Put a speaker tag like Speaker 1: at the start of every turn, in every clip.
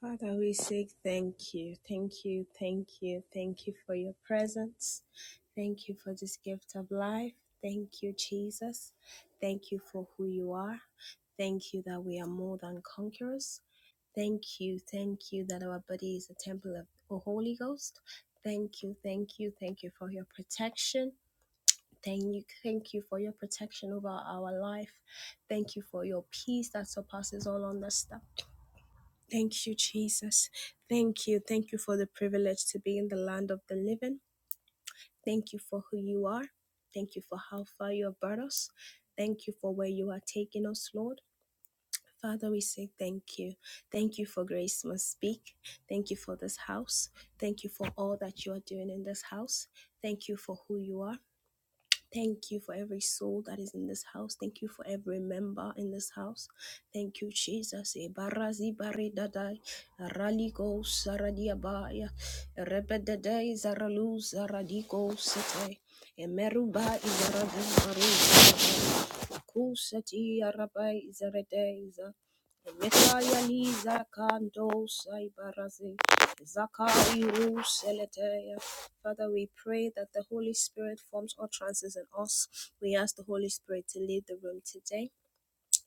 Speaker 1: Father, we say thank you, thank you, thank you, thank you for your presence. Thank you for this gift of life. Thank you, Jesus. Thank you for who you are. Thank you that we are more than conquerors. Thank you, thank you that our body is a temple of the Holy Ghost. Thank you, thank you, thank you for your protection. Thank you, thank you for your protection over our life. Thank you for your peace that surpasses all understanding. Thank you, Jesus. Thank you. Thank you for the privilege to be in the land of the living. Thank you for who you are. Thank you for how far you have brought us. Thank you for where you are taking us, Lord. Father, we say thank you. Thank you for Grace Must Speak. Thank you for this house. Thank you for all that you are doing in this house. Thank you for who you are. Thank you for every soul that is in this house. Thank you for every member in this house. Thank you, Jesus. Ebarazi baridadai, araliko saradiabaya, rebedadai zaralu zaradiko sete, emeruba izaradu baru zaradai, kusati arabai zaradaiza, emetaya liza kando saibarazi, zakairu seleteya, Father, we pray that the Holy Spirit forms utterances in us. We ask the Holy Spirit to lead the room today.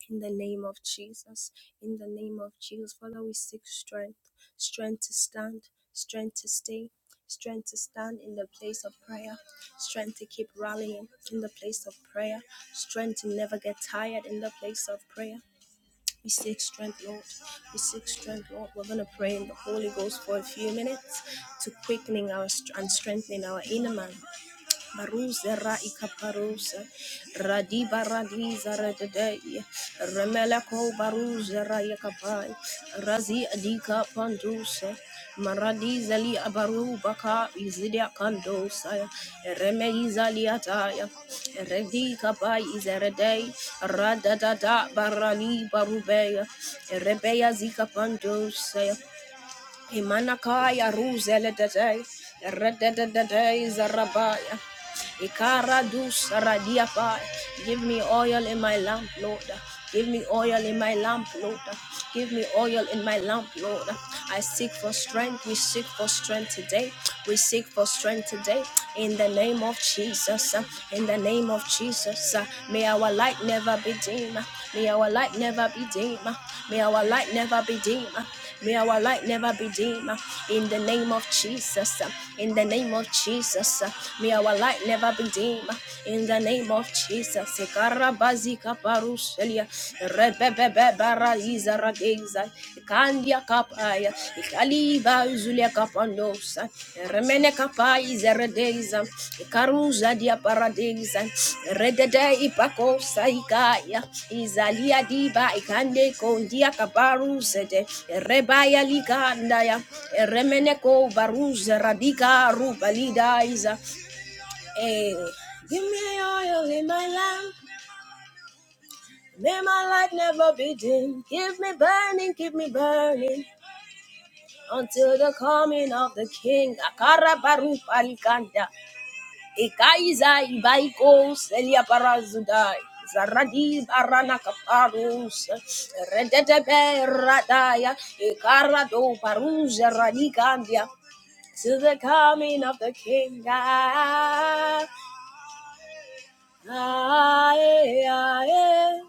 Speaker 1: In the name of Jesus, in the name of Jesus, Father, we seek strength, strength to stand, strength to stay, strength to stand in the place of prayer, strength to keep rallying in the place of prayer, strength to never get tired in the place of prayer, we seek strength, Lord. We seek strength, Lord. We're going to pray in the Holy Ghost for a few minutes to quickening our str- and strengthening our inner man. Baruza ra ikaparusa, radiba radiza radadaya, remeleko baruza ra ikapai, razi adika pandusa, maradiza li abaru baka izidia kandosa, remeiza li ataya, redika bai izeredei, radadada barali barubeya, rebeya zika pandosa, Imanakaya ruzele detei, redededei zarabaya. Ikara dus radiapa. Give me oil in my lamp, Lord. Give me oil in my lamp, Lord. Give me oil in my lamp, Lord. I seek for strength. We seek for strength today. We seek for strength today. In the name of Jesus. In the name of Jesus. May our light never be dim. May our light never be dim. May our light never be dim. May our light never be dim. In the name of Jesus. In the name of Jesus. May our light never be dim. In the name of Jesus. Karabazika parushelia. Rebebebebara izarageza. Kandia kapaya. Ikaliba uzulia kapando. Nosa, remene kapai zeredeza, karuza dia paradeza, redede ipako saikaya, izalia diba ikande kondia kabaru sete, rebaya ligandaya, remene ko baruza radika rubalidaiza. Eh, give me oil in my lamp, may my light never be dim. Keep me burning, keep me burning until the coming of the King. Akara Akarabaru palikanda. Ikaiza ibaiko selia Zaradi barana kaparus. Redetebe radaya. Ikarado paruja radikandia. To the coming of the king. Ah, ah, eh, ah, eh.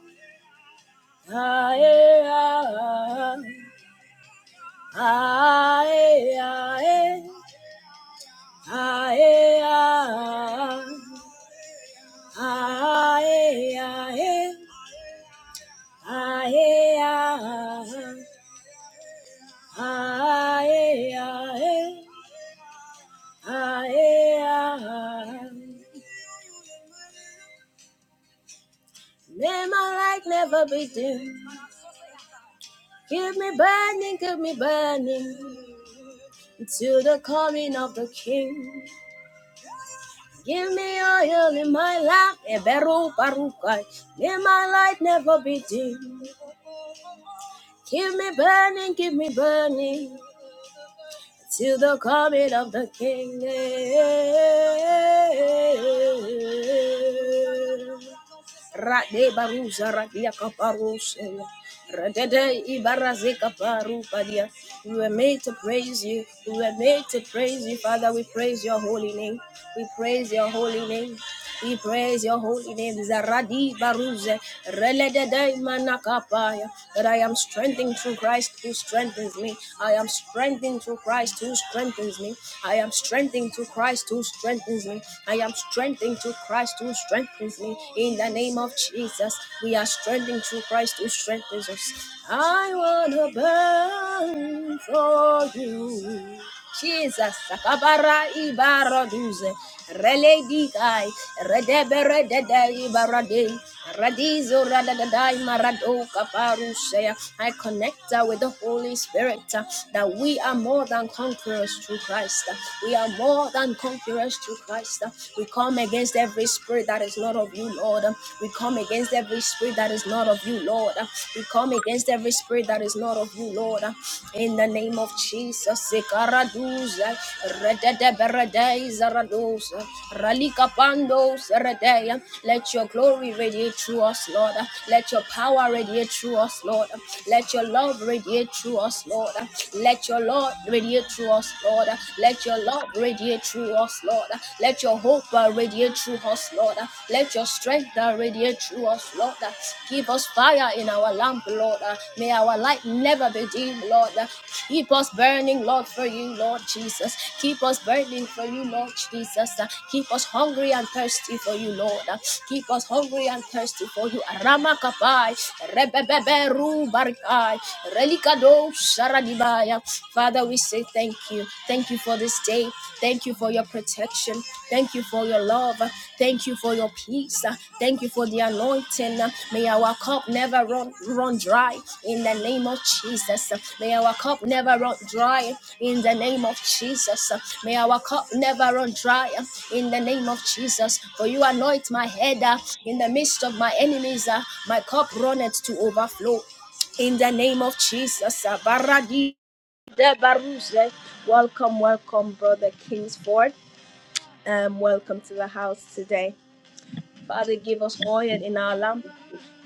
Speaker 1: Ah, eh, ah, ah. Ah, eh, ah, eh. Ah, eh, ah, ah. Ah, eh, ah, eh. Never like never be dim. Keep me burning, keep me burning until the coming of the King. Give me oil in my lamp, Eberu Barukai. May my light never be dim. Keep me burning, keep me burning till the coming of the King. Rade baruza radia kaparosea. Radede ibaraze kaparu padia. We were made to praise you. We were made to praise you, Father. We praise your holy name. We praise your holy name. We praise your holy name. Zaradi baruze. Reledede manakapaya. That I am strengthened through Christ who strengthens me. I am strengthened through Christ who strengthens me. I am strengthened through Christ who strengthens me. I am strengthened strengthening to Christ who strengthens me. In the name of Jesus, we are strengthening to Christ who strengthens us. I wanna burn for you. Jesus, Sakabara Ibaraduze, Reledi Kai, Redebere Dede Ibarade, Radizo Radadadai Marado Kaparusea. I connect uh, with the Holy Spirit uh, that we are more than conquerors through Christ. We are more than and conquer us, through Christ. Uh, We come against every spirit that is not of you, Lord. Uh, We come against every spirit that is not of you, Lord. Uh, We come against every spirit that is not of you, Lord. Uh, In the name of Jesus. Sikaraduza, rededeberde, zaraduza, ralikapando, zeredeya. Let your glory radiate through us, Lord. Uh, Let your power radiate through us, Lord. Uh, Let your love radiate through us, Lord. Uh, Let your Lord radiate through us us, Lord. Let your love radiate through us, Lord. Let your hope uh, radiate through us, Lord. Let your strength uh, radiate through us, Lord. Give us fire in our lamp, Lord. May our light never be dim, Lord. Keep us burning, Lord, for you, Lord Jesus. Keep us burning for you, Lord Jesus. Keep us hungry and thirsty for you, Lord. Keep us hungry and thirsty for you. Arama kapai, rebebebe ru barikai, relikado Sharadibaya. Father, we say thank you. Thank you for this day. Thank you for your protection. Thank you for your love. Thank you for your peace. Thank you for the anointing. May our cup never run, run dry in the name of Jesus. May our cup never run dry in the name of Jesus. May our cup never run dry in the name of Jesus. For you anoint my head uh, in the midst of my enemies. uh, My cup runneth to overflow. In the name of Jesus, uh, Baradi de Baruze. Welcome, welcome, Brother Kingsford. Um, welcome to the house today. Father, give us oil in our lamp.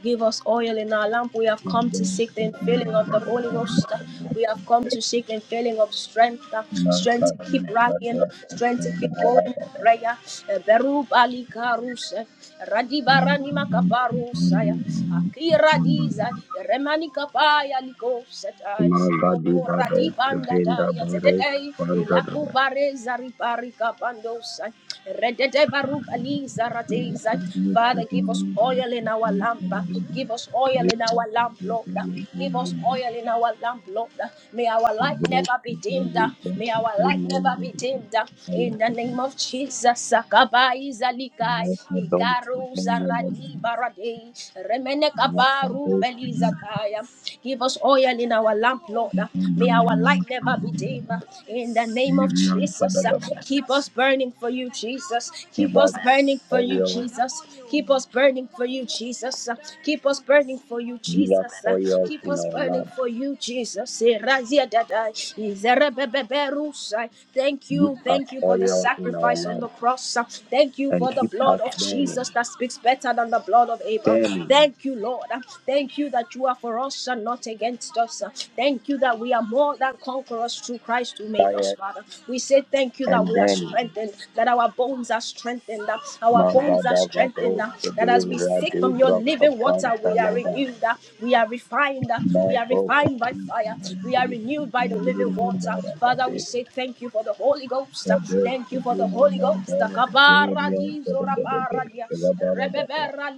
Speaker 1: Give us oil in our lamp. We have come
Speaker 2: Magadi
Speaker 1: to seek the
Speaker 2: Bados,
Speaker 1: infilling of the
Speaker 2: Kavinda
Speaker 1: Holy Ghost. We have come to seek the infilling of strength, uh, strength to keep rallying, strength to keep going in prayer. Eh, Beru bali karus, eh, radibarani makabarus, eh, akira diza, eh, remani kapaya liko setai, oh, radibanda daya
Speaker 2: Baros,
Speaker 1: zetetai, eh,
Speaker 2: Pandadaba,
Speaker 1: lakubare zaripari kapandos, eh, redete barubali
Speaker 2: Nakadu,
Speaker 1: Father, give us
Speaker 2: Kadini,
Speaker 1: oil in our
Speaker 2: Kapan,
Speaker 1: lamp. uh,
Speaker 2: Kadadaba,
Speaker 1: Give us oil in
Speaker 2: Yusra,
Speaker 1: our lamp, Lord. uh,
Speaker 2: Kadini,
Speaker 1: Give us
Speaker 2: Kadadaba,
Speaker 1: oil in our lamp, Lord. uh, May our light
Speaker 2: Kibros,
Speaker 1: never be dimmed. uh,
Speaker 2: Kadani,
Speaker 1: May our light never be
Speaker 2: Kadadaba,
Speaker 1: dimmed. uh, In the
Speaker 2: Alakaba,
Speaker 1: name of Jesus. Sakabai zalikai.
Speaker 2: Nakadu,
Speaker 1: Ikaru zaradi
Speaker 2: Kadini,
Speaker 1: barade. Remene kabaru
Speaker 2: Kadadaba,
Speaker 1: belizataya. Give us oil in our lamp, Lord.
Speaker 2: Give
Speaker 1: uh,
Speaker 2: us
Speaker 1: May our light never be dimmed. uh, In the name of Jesus. uh, Keep us burning for you, Jesus. Keep us burning for you,
Speaker 2: oil,
Speaker 1: Jesus. Keep us burning for you, Jesus. Keep us burning for you,
Speaker 2: give us
Speaker 1: Jesus.
Speaker 2: oil
Speaker 1: Keep
Speaker 2: in
Speaker 1: us
Speaker 2: our
Speaker 1: burning
Speaker 2: lamp,
Speaker 1: for you, Jesus. Erazia dadai, izerebebeberusai. Thank
Speaker 2: give
Speaker 1: you,
Speaker 2: us
Speaker 1: thank you for the
Speaker 2: oil in our
Speaker 1: sacrifice on
Speaker 2: lamp,
Speaker 1: the cross. Thank you
Speaker 2: and
Speaker 1: for the
Speaker 2: keep
Speaker 1: blood
Speaker 2: us
Speaker 1: of Jesus
Speaker 2: burning,
Speaker 1: that speaks better than the blood of Abel.
Speaker 2: burning,
Speaker 1: Thank you, Lord. Thank you that you are for us and not against us. Thank you that we are more than conquerors through Christ who made us,
Speaker 2: fire
Speaker 1: Father. We say thank you that
Speaker 2: and
Speaker 1: we are
Speaker 2: burning.
Speaker 1: strengthened, that our that our bones are strengthened, uh, our bones are strengthened,
Speaker 2: Magadavato,
Speaker 1: uh, that as
Speaker 2: Sebe,
Speaker 1: we sip
Speaker 2: Rabe,
Speaker 1: from your
Speaker 2: Braka,
Speaker 1: living water, we are
Speaker 2: Pantalaba,
Speaker 1: renewed, uh, we are refined, uh, we are
Speaker 2: Maiko,
Speaker 1: refined by
Speaker 2: Kati,
Speaker 1: fire, we are
Speaker 2: Sebe,
Speaker 1: renewed by the living
Speaker 2: Sebe,
Speaker 1: water.
Speaker 2: Mandara,
Speaker 1: Father, we
Speaker 2: Sebe,
Speaker 1: say thank you for the Holy Ghost, uh,
Speaker 2: Kabe,
Speaker 1: thank you for the
Speaker 2: Sebe,
Speaker 1: Holy Ghost. The
Speaker 2: Mandara, Sebe, Rian,
Speaker 1: kaparadizo
Speaker 2: Sebe, Sebe,
Speaker 1: raparadia,
Speaker 2: Rabarabaka,
Speaker 1: rebebera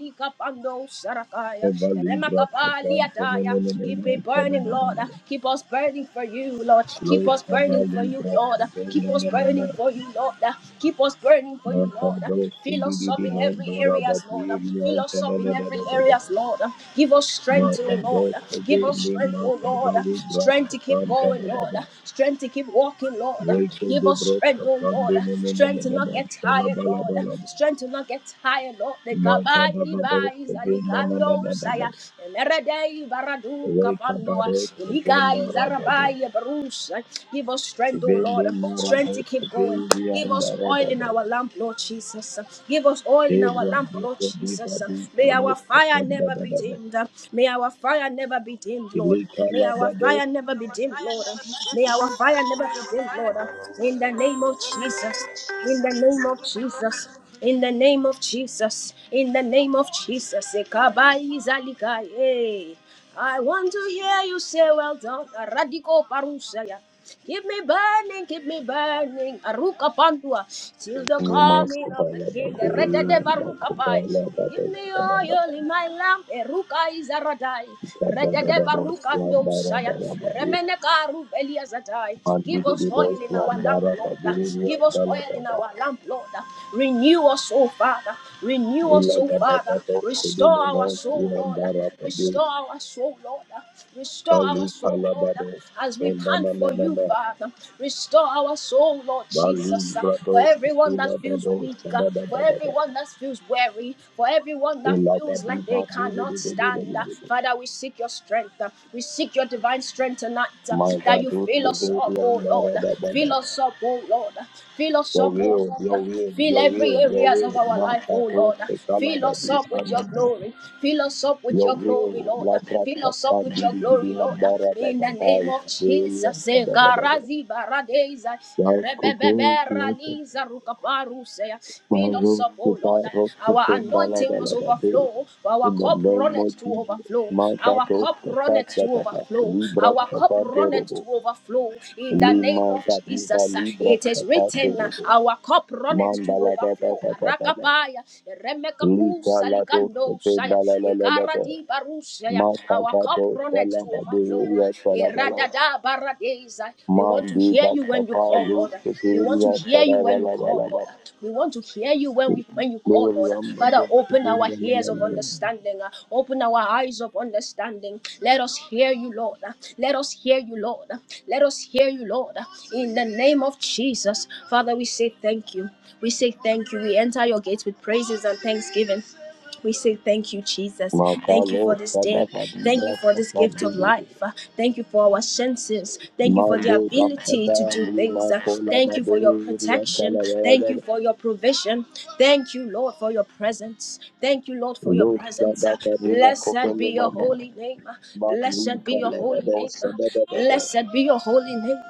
Speaker 1: sarakaya,
Speaker 2: Sava Libra Pacham
Speaker 1: remakapaliataya. Keep
Speaker 2: Tenenenenan
Speaker 1: it burning, Lord, uh,
Speaker 2: Sadanabanava
Speaker 1: keep us burning for you, Lord, keep
Speaker 2: Lo
Speaker 1: us
Speaker 2: Sava
Speaker 1: burning for you,
Speaker 2: Libra
Speaker 1: Lord, uh, keep us burning
Speaker 2: Tenenenenan
Speaker 1: for you, Lord you, Lord. Keep us burning for you,
Speaker 2: Mata
Speaker 1: Lord.
Speaker 2: Dos
Speaker 1: Fill us up in
Speaker 2: Sidividihan
Speaker 1: every areas, Lord. Fill
Speaker 2: Barabakirian
Speaker 1: us up in every
Speaker 2: Tadadadadadada
Speaker 1: areas, Lord. Give us strength, oh
Speaker 2: Mata
Speaker 1: Lord.
Speaker 2: Dos
Speaker 1: Give us
Speaker 2: Seveni
Speaker 1: strength, oh
Speaker 2: Mata
Speaker 1: Lord.
Speaker 2: Valibra
Speaker 1: Strength to keep
Speaker 2: Pacham
Speaker 1: going, Lord.
Speaker 2: Tadadaba
Speaker 1: Strength to keep walking, Lord.
Speaker 2: Reke
Speaker 1: Give
Speaker 2: de
Speaker 1: us
Speaker 2: Bros
Speaker 1: strength, oh
Speaker 2: Pacham
Speaker 1: Lord. Strength to not
Speaker 2: Denenenenan
Speaker 1: get tired, Lord.
Speaker 2: Shalabalabalaba
Speaker 1: Strength to not get tired, Lord. The
Speaker 2: Mata
Speaker 1: kabai ba
Speaker 2: Davados
Speaker 1: is alikando saya.
Speaker 2: Sevenananadaba
Speaker 1: Emeredei baradu
Speaker 2: Reka
Speaker 1: kapando.
Speaker 2: Baros
Speaker 1: Iligai
Speaker 2: Sevenarababa
Speaker 1: zarabai barus. Give us strength, oh Lord.
Speaker 2: Vende
Speaker 1: Strength to
Speaker 2: Marados
Speaker 1: to keep going. Give
Speaker 2: Sevian
Speaker 1: us oil in our lamp, Lord Jesus. Give us oil in our
Speaker 2: Ela
Speaker 1: lamp, Lord
Speaker 2: maso diva
Speaker 1: Jesus.
Speaker 2: di
Speaker 1: May our
Speaker 2: kalos
Speaker 1: fire
Speaker 2: kapanda
Speaker 1: never be
Speaker 2: dadaba.
Speaker 1: dimmed. May our fire never be dimmed, Lord.
Speaker 2: Ilika
Speaker 1: May
Speaker 2: la
Speaker 1: our
Speaker 2: dados
Speaker 1: fire never be dimmed, Lord. May our fire never be dimmed, Lord. In the name of Jesus. In the name of Jesus. In the name of Jesus. In the name of Jesus. Ekabai zalikai. Eh. I want to hear you say, Well done, Radico Parusaya. Keep me burning, keep me burning, Aruka Pandua, till the
Speaker 2: ni mas
Speaker 1: coming of the
Speaker 2: kapala
Speaker 1: King,
Speaker 2: dadi
Speaker 1: the Reda de
Speaker 2: ewa ma
Speaker 1: Baruka Pai.
Speaker 2: kapala
Speaker 1: Give
Speaker 2: dados
Speaker 1: me
Speaker 2: kadadaba.
Speaker 1: oil in my lamp, Eruka is a radai,
Speaker 2: Kada
Speaker 1: Reda de
Speaker 2: dadaba
Speaker 1: Baruka
Speaker 2: swam
Speaker 1: no
Speaker 2: bara
Speaker 1: Saya,
Speaker 2: bara babi.
Speaker 1: Remene Karu Eliazatai.
Speaker 2: Mandi
Speaker 1: Give us
Speaker 2: di bo
Speaker 1: oil in
Speaker 2: swam
Speaker 1: our lamp,
Speaker 2: bara
Speaker 1: Lord.
Speaker 2: babi ewa
Speaker 1: Give us
Speaker 2: dala
Speaker 1: oil in
Speaker 2: baba.
Speaker 1: our lamp, Lord. Renew us, O Father. Renew
Speaker 2: Ila
Speaker 1: us, O
Speaker 2: kadaba
Speaker 1: Father.
Speaker 2: dos sedi
Speaker 1: Restore our
Speaker 2: mano
Speaker 1: soul,
Speaker 2: ewa
Speaker 1: Lord.
Speaker 2: bara babi.
Speaker 1: Restore our soul our soul, Lord. Restore our
Speaker 2: Kali
Speaker 1: soul,
Speaker 2: kala
Speaker 1: Lord,
Speaker 2: dados.
Speaker 1: as we
Speaker 2: Enda
Speaker 1: pant
Speaker 2: na na
Speaker 1: for
Speaker 2: na
Speaker 1: you,
Speaker 2: na.
Speaker 1: Father. Restore our soul, Lord Jesus.
Speaker 2: Bali
Speaker 1: For
Speaker 2: brados.
Speaker 1: everyone that
Speaker 2: Ila
Speaker 1: feels
Speaker 2: dados
Speaker 1: weak, for
Speaker 2: kadadaba daba.
Speaker 1: everyone that feels weary, for everyone that
Speaker 2: Ila
Speaker 1: feels
Speaker 2: babi
Speaker 1: like they
Speaker 2: babi
Speaker 1: cannot
Speaker 2: didi didi
Speaker 1: stand,
Speaker 2: didi didi.
Speaker 1: Father, we seek your strength. We seek your divine strength tonight, that you
Speaker 2: Magadu
Speaker 1: fill us up,
Speaker 2: Sebedian
Speaker 1: oh Lord.
Speaker 2: Barababa.
Speaker 1: Fill us up, oh Lord. Fill us
Speaker 2: Your
Speaker 1: up, oh
Speaker 2: will, your
Speaker 1: Lord.
Speaker 2: will,
Speaker 1: Fill
Speaker 2: your
Speaker 1: every
Speaker 2: will, your
Speaker 1: areas
Speaker 2: will.
Speaker 1: of our life, oh
Speaker 2: Makadu
Speaker 1: Lord. Fill us
Speaker 2: Sekalabadi
Speaker 1: up with your
Speaker 2: Sandaba.
Speaker 1: glory. Fill us up with
Speaker 2: Your
Speaker 1: your glory,
Speaker 2: will,
Speaker 1: Lord.
Speaker 2: Labra
Speaker 1: Fill us up with
Speaker 2: Kafandi
Speaker 1: your glory, Lord.
Speaker 2: Bidihan
Speaker 1: In
Speaker 2: Barababa.
Speaker 1: the name of
Speaker 2: Kabeya
Speaker 1: Jesus. eh,
Speaker 2: Kadababa.
Speaker 1: Karazi baradeza,
Speaker 2: Yakupe,
Speaker 1: rebebebera
Speaker 2: Yaka.
Speaker 1: liza rukaparuse. Fill us
Speaker 2: Maros
Speaker 1: up, oh Lord.
Speaker 2: Kupa,
Speaker 1: Our
Speaker 2: Roskupendala
Speaker 1: anointing must
Speaker 2: Dalababa.
Speaker 1: overflow. Our
Speaker 2: In the
Speaker 1: cup
Speaker 2: name of
Speaker 1: runneth to
Speaker 2: Jesus.
Speaker 1: overflow. Our
Speaker 2: Magadu
Speaker 1: cup runneth to
Speaker 2: Kafandaba.
Speaker 1: overflow.
Speaker 2: Libra
Speaker 1: Our cup runneth to
Speaker 2: Kafandorobo.
Speaker 1: overflow in the name
Speaker 2: Lima
Speaker 1: of
Speaker 2: Gadiva
Speaker 1: Jesus.
Speaker 2: Libra
Speaker 1: It is written,
Speaker 2: Kafandorobo.
Speaker 1: Our cup runneth to
Speaker 2: Mandala ba ba
Speaker 1: overflow.
Speaker 2: ba ba ba ba.
Speaker 1: Rakapaya, Remekaku
Speaker 2: Lika la dos
Speaker 1: Salikando Shaya,
Speaker 2: kapenda la la la la ba.
Speaker 1: Ikaradi Barushaya,
Speaker 2: Maka
Speaker 1: our
Speaker 2: ba
Speaker 1: cup
Speaker 2: dos
Speaker 1: runneth to
Speaker 2: kala ba
Speaker 1: overflow.
Speaker 2: doya kala ba la ba.
Speaker 1: Iradada Baradeza. We want to
Speaker 2: Mandi
Speaker 1: hear
Speaker 2: bas
Speaker 1: you when you
Speaker 2: kapa
Speaker 1: call, Lord.
Speaker 2: los
Speaker 1: We want to
Speaker 2: kefiria
Speaker 1: hear
Speaker 2: kala
Speaker 1: you
Speaker 2: ba
Speaker 1: when you
Speaker 2: la ba
Speaker 1: call,
Speaker 2: la ba.
Speaker 1: Lord. We want to hear you when we when you call, Lord.
Speaker 2: Leriam ba
Speaker 1: Father,
Speaker 2: dos
Speaker 1: open our
Speaker 2: kapenda la
Speaker 1: ears
Speaker 2: la
Speaker 1: of
Speaker 2: la la.
Speaker 1: understanding understanding. uh, Open our eyes of understanding. Let us hear you, Lord. uh, Let us hear you, Lord. uh, Let us hear you, Lord. uh, In the name of Jesus, Father, we say thank you. We say thank you. We enter your gates with praises and thanksgiving. We say thank you, Jesus.
Speaker 2: Maka
Speaker 1: Thank you
Speaker 2: los
Speaker 1: for this
Speaker 2: kada
Speaker 1: day.
Speaker 2: ba di
Speaker 1: Thank you
Speaker 2: bras
Speaker 1: for this
Speaker 2: kapa
Speaker 1: gift
Speaker 2: de
Speaker 1: of
Speaker 2: de
Speaker 1: life.
Speaker 2: de.
Speaker 1: Uh, Thank you for our senses. Thank you for the
Speaker 2: Mandi bas
Speaker 1: ability
Speaker 2: kapa
Speaker 1: to do
Speaker 2: lima
Speaker 1: things. Uh,
Speaker 2: kola ba
Speaker 1: Thank you for your
Speaker 2: doya
Speaker 1: protection.
Speaker 2: kala ba la
Speaker 1: Thank
Speaker 2: ba.
Speaker 1: you
Speaker 2: la.
Speaker 1: for your provision. Thank you, Lord, for your presence. Thank you, Lord, for your presence. Blessed be
Speaker 2: kopele
Speaker 1: your
Speaker 2: mama.
Speaker 1: holy name.
Speaker 2: Mandi
Speaker 1: Blessed be your
Speaker 2: kala ba
Speaker 1: holy name.
Speaker 2: dos da da da da.
Speaker 1: Blessed be your holy name.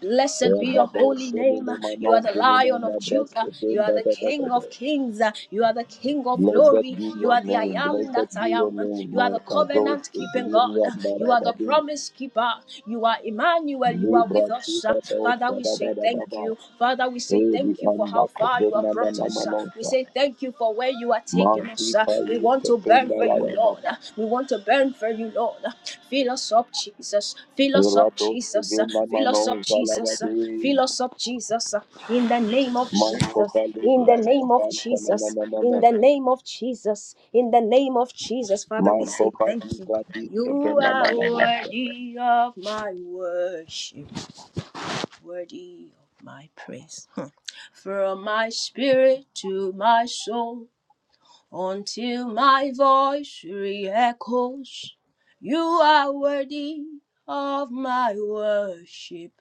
Speaker 1: Blessed
Speaker 2: Blessed
Speaker 1: be your holy
Speaker 2: be
Speaker 1: name.
Speaker 2: your
Speaker 1: You are the Lion of Judah. You are the King of Kings. You are the King of Glory. You are the I
Speaker 2: name,
Speaker 1: am
Speaker 2: blessed
Speaker 1: that I
Speaker 2: be
Speaker 1: am.
Speaker 2: your name,
Speaker 1: You are
Speaker 2: my
Speaker 1: the
Speaker 2: Kados,
Speaker 1: covenant keeping God.
Speaker 2: Zinia
Speaker 1: You are the
Speaker 2: Barababi,
Speaker 1: promise keeper. You are Emmanuel. You are with
Speaker 2: Libra
Speaker 1: with us. uh.
Speaker 2: Tifados,
Speaker 1: Father, we say thank
Speaker 2: Baba,
Speaker 1: you. Father, we say
Speaker 2: Eri
Speaker 1: thank you for how
Speaker 2: Ambako,
Speaker 1: far you have
Speaker 2: Venada
Speaker 1: brought us. uh. We
Speaker 2: Namanosa,
Speaker 1: say thank you for where you are taking us.
Speaker 2: Mati
Speaker 1: uh. We
Speaker 2: Falis,
Speaker 1: want to burn
Speaker 2: Kefenda
Speaker 1: for you,
Speaker 2: Lava
Speaker 1: Lord.
Speaker 2: Baba,
Speaker 1: uh. We want to burn for you, Lord. uh. Fill us up, Jesus. Fill us up,
Speaker 2: Eratos,
Speaker 1: Jesus. uh.
Speaker 2: Venda
Speaker 1: Fill us up,
Speaker 2: Manosa
Speaker 1: Jesus. uh.
Speaker 2: Lavabi,
Speaker 1: Fill us up, Jesus. uh. In the name of
Speaker 2: Marco
Speaker 1: Jesus.
Speaker 2: Bali,
Speaker 1: In the name of
Speaker 2: Brascafan,
Speaker 1: Jesus. In
Speaker 2: Panananame,
Speaker 1: the name of Jesus. In the name of Jesus. Father, we
Speaker 2: Marco
Speaker 1: say thank
Speaker 2: Padi,
Speaker 1: you.
Speaker 2: Vadis,
Speaker 1: You
Speaker 2: Kefenda
Speaker 1: are
Speaker 2: Namanosa.
Speaker 1: worthy of my worship worthy of my praise. From my spirit to my soul, until my voice re-echoes, you are worthy of my worship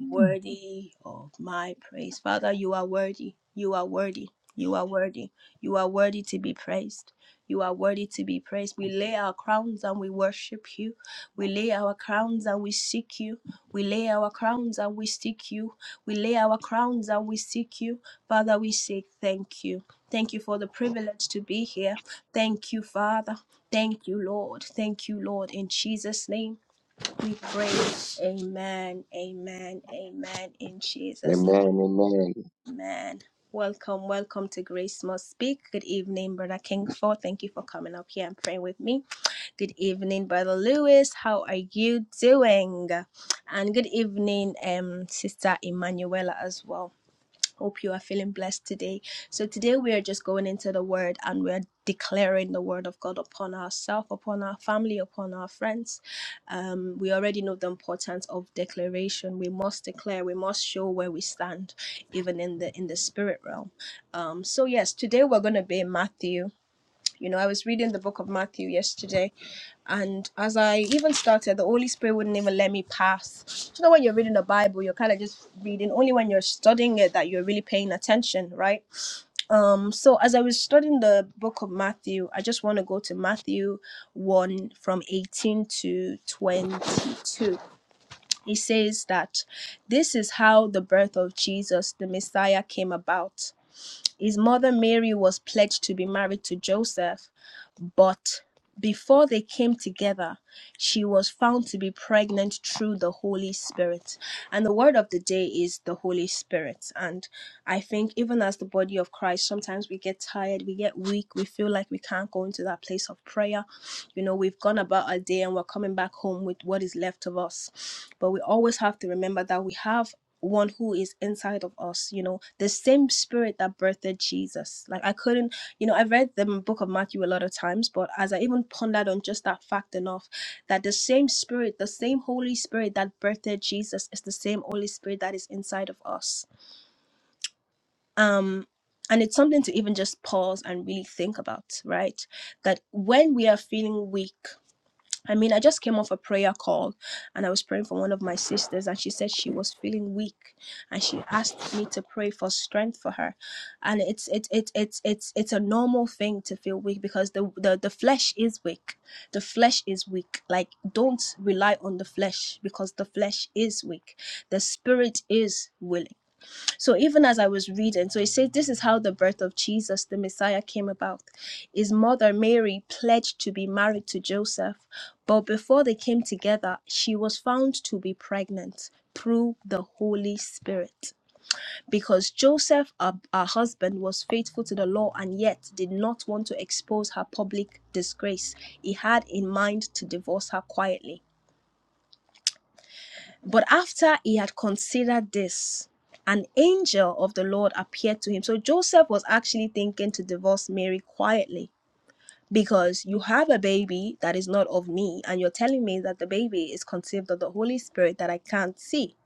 Speaker 1: worthy of my praise. Father, you are worthy. You are worthy. You are worthy. You are worthy to be praised. You are worthy to be praised. We lay our crowns and we worship you. We lay our crowns and we seek you. We lay our crowns and we seek you. We lay our crowns and we seek you. Father, we say thank you. Thank you for the privilege to be here. Thank you, Father. Thank you, Lord. Thank you, Lord. In Jesus' name. We praise. Amen. Amen. Amen. In Jesus' name.
Speaker 2: Amen, amen.
Speaker 1: Amen. Welcome, welcome to Grace Must Speak. Good evening, Brother Kingford. Thank you for coming up here and praying with me. Good evening, Brother Lewis. How are you doing? And good evening, um, Sister Emanuela as well. Hope you are feeling blessed today. So, today we are just going into the Word and we're declaring the Word of God upon ourselves, upon our family, upon our friends. Um, we already know the importance of declaration. We must declare, we must show where we stand, even in the in the spirit realm. Um, so yes, today we're gonna be in Matthew. You know, I was reading the book of Matthew yesterday and as I even started, the Holy Spirit wouldn't even let me pass. You know, when you're reading the Bible, you're kind of just reading. Only when you're studying it that you're really paying attention, right? Um, so as I was studying the book of Matthew, I just want to go to Matthew 1 from 18 to 22. It says that this is how the birth of Jesus, the Messiah, came about. His mother Mary was pledged to be married to Joseph but before they came together, she was found to be pregnant through the Holy Spirit. And the word of the day is the Holy Spirit. And I think, even as the body of Christ, sometimes we get tired, we get weak, we feel like we can't go into that place of prayer. You know, we've gone about our day and we're coming back home with what is left of us. But we always have to remember that we have one who is inside of us you know the same spirit that birthed jesus like i couldn't you know, I've read the book of Matthew a lot of times, but as I even pondered on just that fact enough, that the same spirit, the same Holy Spirit that birthed Jesus is the same Holy Spirit that is inside of us. Um, and it's something to even just pause and really think about, right? That when we are feeling weak, I mean, I just came off a prayer call and I was praying for one of my sisters, and she said she was feeling weak and she asked me to pray for strength for her. And it's it's it's it's it's it's a normal thing to feel weak because the, the the flesh is weak. The flesh is weak. Like don't rely on the flesh because the flesh is weak. The spirit is willing. So even as I was reading, so it says this is how the birth of Jesus, the Messiah, came about. His mother Mary pledged to be married to Joseph, but before they came together, she was found to be pregnant through the Holy Spirit. Because Joseph, her, her husband, was faithful to the law and yet did not want to expose her public disgrace, he had in mind to divorce her quietly. But after he had considered this, an angel of the Lord appeared to him. So Joseph was actually thinking to divorce Mary quietly because you have a baby that is not of me, and you're telling me that the baby is conceived of the Holy Spirit that I can't see.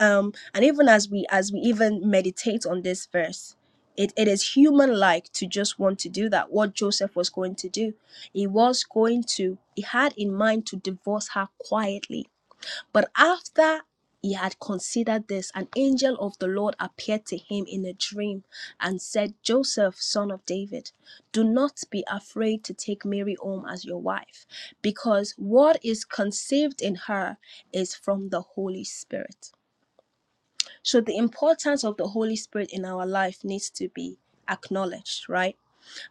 Speaker 1: Um, and even as we as we even meditate on this verse, it, it is human like to just want to do that. What Joseph was going to do, he was going to he had in mind to divorce her quietly but after he had considered this, an angel of the Lord appeared to him in a dream and said, Joseph, son of David, do not be afraid to take Mary home as your wife, because what is conceived in her is from the Holy Spirit. So, the importance of the Holy Spirit in our life needs to be acknowledged, right?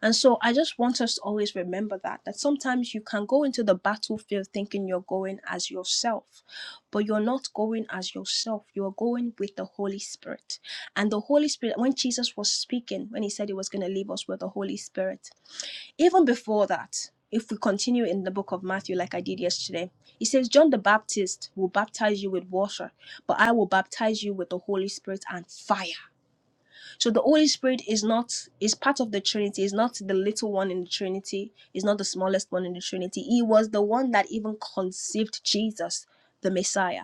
Speaker 1: And so I just want us to always remember that that sometimes you can go into the battlefield thinking you're going as yourself, but you're not going as yourself. You're going with the Holy Spirit. And the Holy Spirit, when Jesus was speaking, when he said he was going to leave us with the Holy Spirit, even before that, if we continue in the book of Matthew like I did yesterday, he says John the Baptist will baptize you with water, but I will baptize you with the Holy Spirit and fire. So the Holy Spirit is not is part of the Trinity, is not the little one in the Trinity, is not the smallest one in the Trinity. He was the one that even conceived Jesus, the Messiah.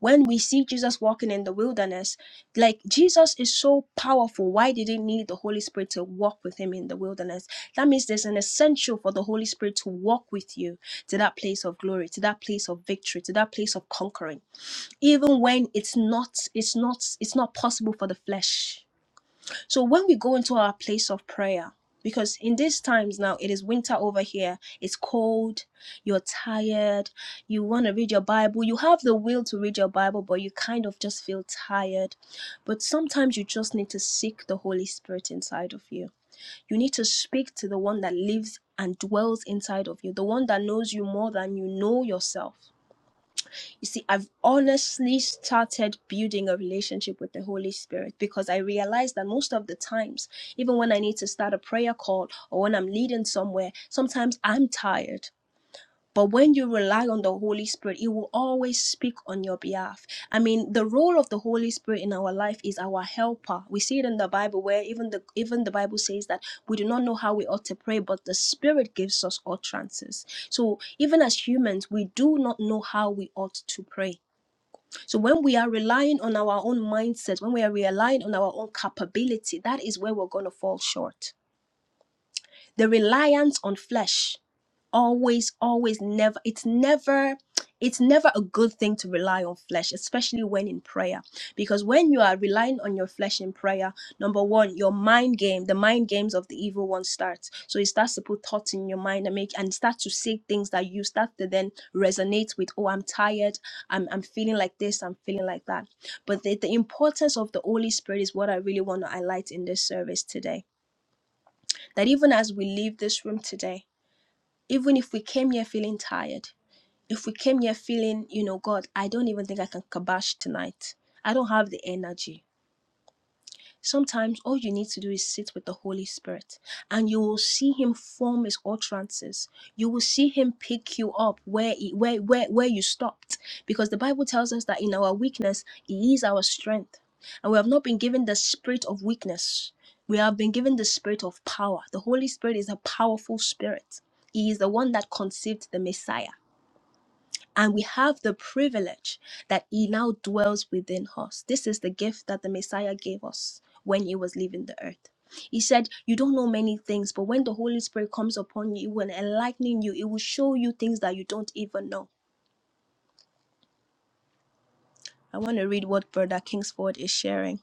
Speaker 1: When we see Jesus walking in the wilderness, like Jesus is so powerful, why did he need the Holy Spirit to walk with him in the wilderness? That means there's an essential for the Holy Spirit to walk with you to that place of glory, to that place of victory, to that place of conquering. Even when it's not it's not it's not possible for the flesh so when we go into our place of prayer, because in these times now it is winter over here, it's cold, you're tired, you want to read your Bible, you have the will to read your Bible, but you kind of just feel tired. But sometimes you just need to seek the Holy Spirit inside of you. You need to speak to the one that lives and dwells inside of you, the one that knows you more than you know yourself. You see, I've honestly started building a relationship with the Holy Spirit because I realized that most of the times, even when I need to start a prayer call or when I'm leading somewhere, sometimes I'm tired. But when you rely on the Holy Spirit, it will always speak on your behalf. I mean, the role of the Holy Spirit in our life is our helper. We see it in the Bible where even the even the Bible says that we do not know how we ought to pray, but the Spirit gives us utterances. So even as humans, we do not know how we ought to pray. So when we are relying on our own mindset, when we are relying on our own capability, that is where we're going to fall short. The reliance on flesh always always never it's never it's never a good thing to rely on flesh especially when in prayer because when you are relying on your flesh in prayer number one your mind game the mind games of the evil one starts so it starts to put thoughts in your mind and make and start to say things that you start to then resonate with oh i'm tired i'm, I'm feeling like this i'm feeling like that but the, the importance of the holy spirit is what i really want to highlight in this service today that even as we leave this room today even if we came here feeling tired, if we came here feeling, you know, God, I don't even think I can kabash tonight. I don't have the energy. Sometimes all you need to do is sit with the Holy Spirit and you will see him form his utterances. You will see him pick you up where he, where where where you stopped because the Bible tells us that in our weakness he is our strength. And we have not been given the spirit of weakness. We have been given the spirit of power. The Holy Spirit is a powerful spirit. He is the one that conceived the Messiah. And we have the privilege that He now dwells within us. This is the gift that the Messiah gave us when He was leaving the earth. He said, You don't know many things, but when the Holy Spirit comes upon you, it will enlighten you, it will show you things that you don't even know. I want to read what Brother Kingsford is sharing.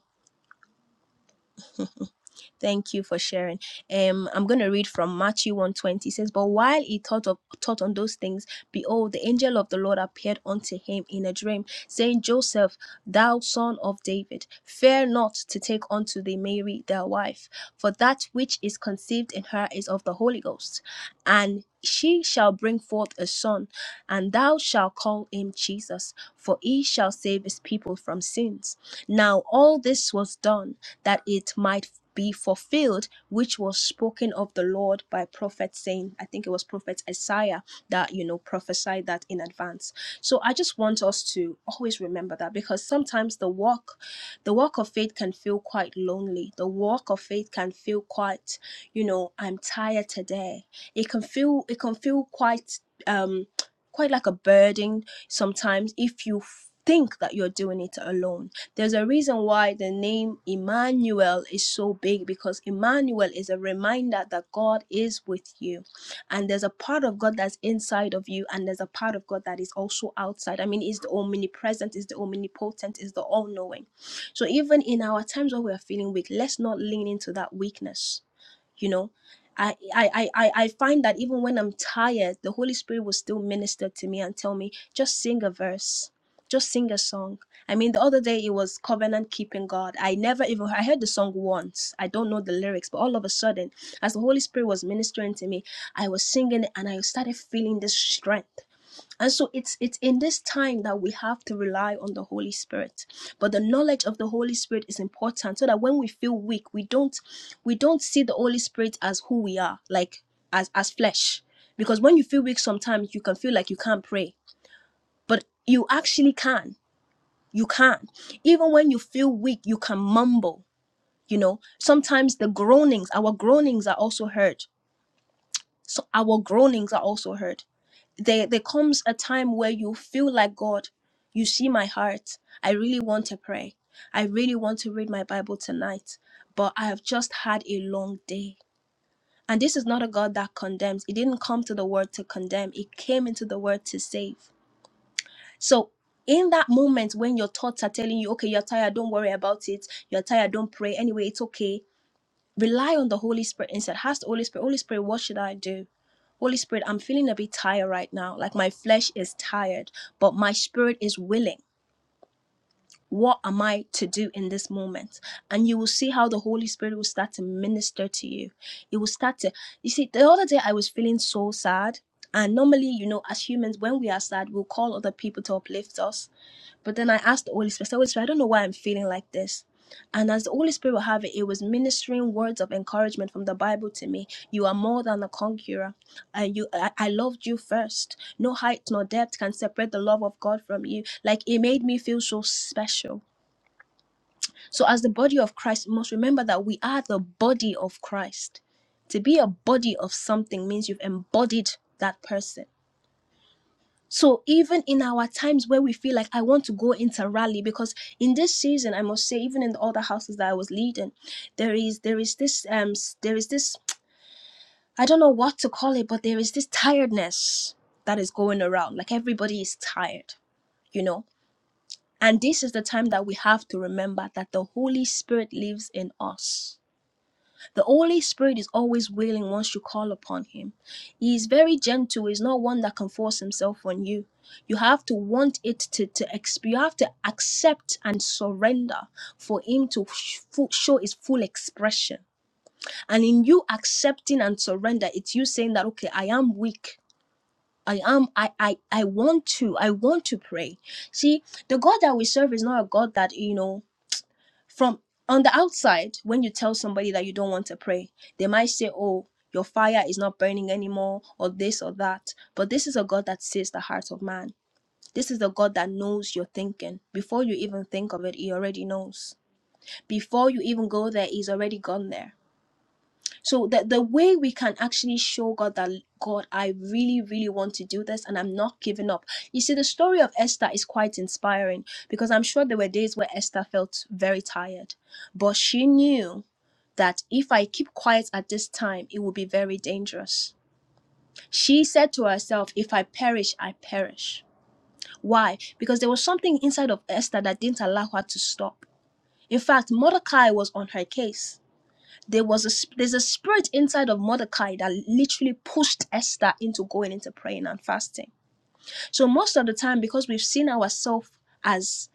Speaker 1: Thank you for sharing. Um, I'm going to read from Matthew 120. It says, But while he thought of thought on those things, behold, the angel of the Lord appeared unto him in a dream, saying, Joseph, thou son of David, fear not to take unto thee Mary thy wife, for that which is conceived in her is of the Holy Ghost, and she shall bring forth a son, and thou shalt call him Jesus, for he shall save his people from sins. Now all this was done that it might be fulfilled, which was spoken of the Lord by prophet saying, I think it was prophet Isaiah that, you know, prophesied that in advance. So I just want us to always remember that because sometimes the walk, the walk of faith can feel quite lonely. The walk of faith can feel quite, you know, I'm tired today. It can feel, it can feel quite, um, quite like a burden sometimes if you think that you're doing it alone there's a reason why the name Emmanuel is so big because Emmanuel is a reminder that God is with you. And there's a part of God that's inside of you, and there's a part of God that is also outside. I mean, is the omnipresent, is the omnipotent, is the all knowing. So even in our times when we're feeling weak, let's not lean into that weakness you know I, I i i find that even when i'm tired the holy spirit will still minister to me and tell me just sing a verse just sing a song i mean the other day it was covenant keeping god i never even i heard the song once i don't know the lyrics but all of a sudden as the holy spirit was ministering to me i was singing it and i started feeling this strength and so it's it's in this time that we have to rely on the Holy Spirit. But the knowledge of the Holy Spirit is important so that when we feel weak, we don't we don't see the Holy Spirit as who we are, like as as flesh. Because when you feel weak sometimes you can feel like you can't pray. But you actually can. You can. Even when you feel weak, you can mumble. You know, sometimes the groanings, our groanings are also heard so our groanings are also heard. There, there comes a time where you feel like God, you see my heart. I really want to pray. I really want to read my Bible tonight, but I have just had a long day. And this is not a God that condemns. It didn't come to the word to condemn, it came into the word to save. So, in that moment when your thoughts are telling you, okay, you're tired, don't worry about it. You're tired, don't pray. Anyway, it's okay rely on the Holy Spirit instead. Ask the Holy Spirit, Holy Spirit, what should I do? Holy Spirit, I'm feeling a bit tired right now. Like my flesh is tired, but my spirit is willing. What am I to do in this moment? And you will see how the Holy Spirit will start to minister to you. It will start to, you see, the other day I was feeling so sad. And normally, you know, as humans, when we are sad, we'll call other people to uplift us but then I asked the Holy Spirit, I said, Holy Spirit, I don't know why I'm feeling like this. And as the Holy Spirit would have it, it was ministering words of encouragement from the Bible to me. You are more than a conqueror. And you I, I loved you first. No height nor depth can separate the love of God from you. Like it made me feel so special. So as the body of Christ, we must remember that we are the body of Christ. To be a body of something means you've embodied that person. So even in our times where we feel like I want to go into rally, because in this season, I must say, even in the other houses that I was leading, there is there is this um s- there is this I don't know what to call it, but there is this tiredness that is going around. Like everybody is tired, you know. And this is the time that we have to remember that the Holy Spirit lives in us. The Holy Spirit is always willing once you call upon Him. He is very gentle. He's not one that can force Himself on you. You have to want it to, to exp- you have to accept and surrender for Him to sh- fu- show His full expression. And in you accepting and surrender, it's you saying that, okay, I am weak. I am, I, I, I want to, I want to pray. See, the God that we serve is not a God that, you know, from on the outside, when you tell somebody that you don't want to pray, they might say, Oh, your fire is not burning anymore, or this or that. But this is a God that sees the heart of man. This is the God that knows your thinking. Before you even think of it, He already knows. Before you even go there, He's already gone there. So the, the way we can actually show God that God, I really, really want to do this and I'm not giving up. You see, the story of Esther is quite inspiring because I'm sure there were days where Esther felt very tired, but she knew that if I keep quiet at this time, it will be very dangerous. She said to herself, If I perish, I perish. Why? Because there was something inside of Esther that didn't allow her to stop. In fact, Mordecai was on her case there was a sp- there's a spirit inside of Mordecai that literally pushed Esther into going into praying and fasting. So most of the time, because we've seen ourselves as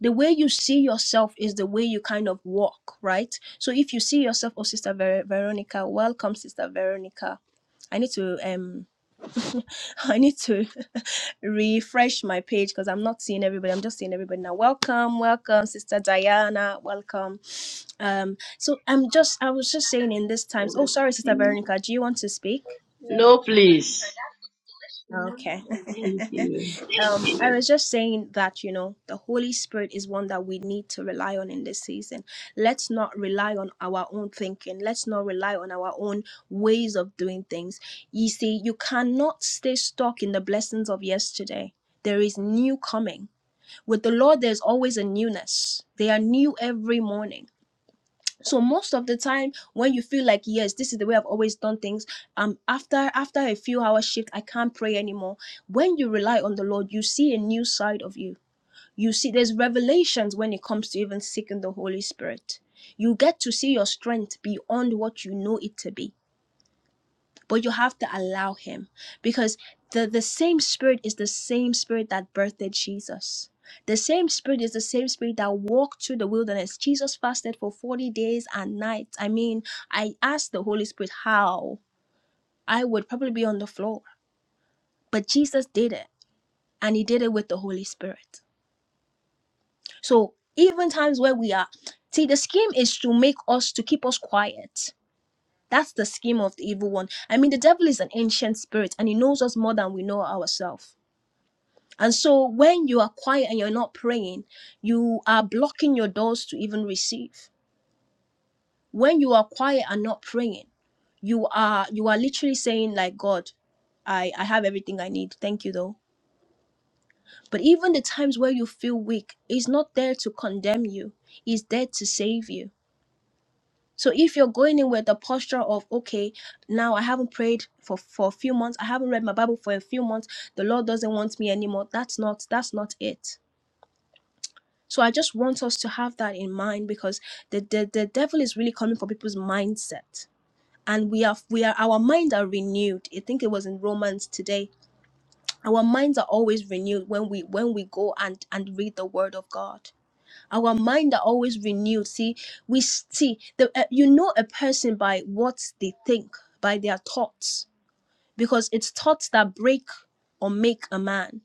Speaker 1: the way you see yourself is the way you kind of walk, right? So if you see yourself, oh, Sister Ver- Veronica, welcome, Sister Veronica. I need to um I need to refresh my page because I'm not seeing everybody. I'm just seeing everybody now. Welcome, welcome, Sister Diana. Welcome. Um, so I'm just I was just saying in this times. Oh, sorry, Sister Veronica. Do you want to speak?
Speaker 3: No, please.
Speaker 1: Okay.
Speaker 3: Thank you.
Speaker 1: um, I was just saying that, you know, the Holy Spirit is one that we need to rely on in this season. Let's not rely on our own thinking. Let's not rely on our own ways of doing things. You see, you cannot stay stuck in the blessings of yesterday. There is new coming. With the Lord, there's always a newness. They are new every morning so most of the time when you feel like yes this is the way i've always done things um after after a few hours shift i can't pray anymore when you rely on the lord you see a new side of you you see there's revelations when it comes to even seeking the holy spirit you get to see your strength beyond what you know it to be but you have to allow him because the, the same spirit is the same spirit that birthed jesus the same spirit is the same spirit that walked through the wilderness jesus fasted for 40 days and nights i mean i asked the holy spirit how i would probably be on the floor but jesus did it and he did it with the holy spirit so even times where we are see the scheme is to make us to keep us quiet That's the scheme of the evil one. I mean, the devil is an ancient spirit and he knows us more than we know ourselves. And so when you are quiet and you're not praying, you are blocking your doors to even receive. When you are quiet and not praying, you are you are literally saying like God, I I have everything I need. Thank you though. But even the times where you feel weak, he's not there to condemn you. He's there to save you. So if you're going in with the posture of, okay, now I haven't prayed for, for a few months, I haven't read my Bible for a few months, the Lord doesn't want me anymore, that's not that's not it. So I just want us to have that in mind because the, the, the devil is really coming for people's mindset. And we are we are our minds are renewed. I think it was in Romans today. Our minds are always renewed when we when we go and and read the word of God our mind are always renewed see we s- see the uh, you know a person by what they think by their thoughts because it's thoughts that break or make a man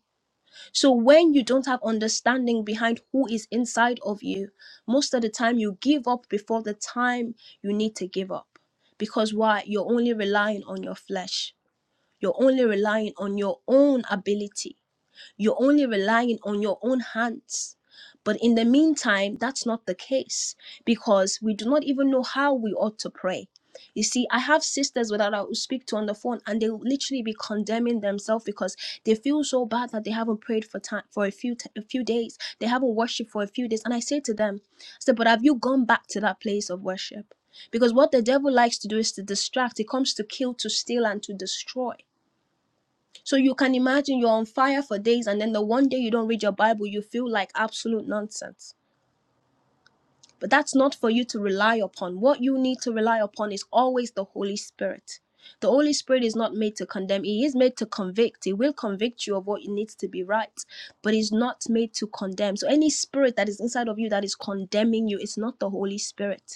Speaker 1: so when you don't have understanding behind who is inside of you most of the time you give up before the time you need to give up because why you're only relying on your flesh you're only relying on your own ability you're only relying on your own hands. But in the meantime, that's not the case because we do not even know how we ought to pray. You see, I have sisters that I will speak to on the phone, and they will literally be condemning themselves because they feel so bad that they haven't prayed for time for a few t- a few days. They haven't worshipped for a few days, and I say to them, I said, "But have you gone back to that place of worship?" Because what the devil likes to do is to distract. It comes to kill, to steal, and to destroy. So you can imagine you're on fire for days, and then the one day you don't read your Bible, you feel like absolute nonsense. But that's not for you to rely upon. What you need to rely upon is always the Holy Spirit. The Holy Spirit is not made to condemn, He is made to convict. He will convict you of what needs to be right, but He's not made to condemn. So any spirit that is inside of you that is condemning you, it's not the Holy Spirit.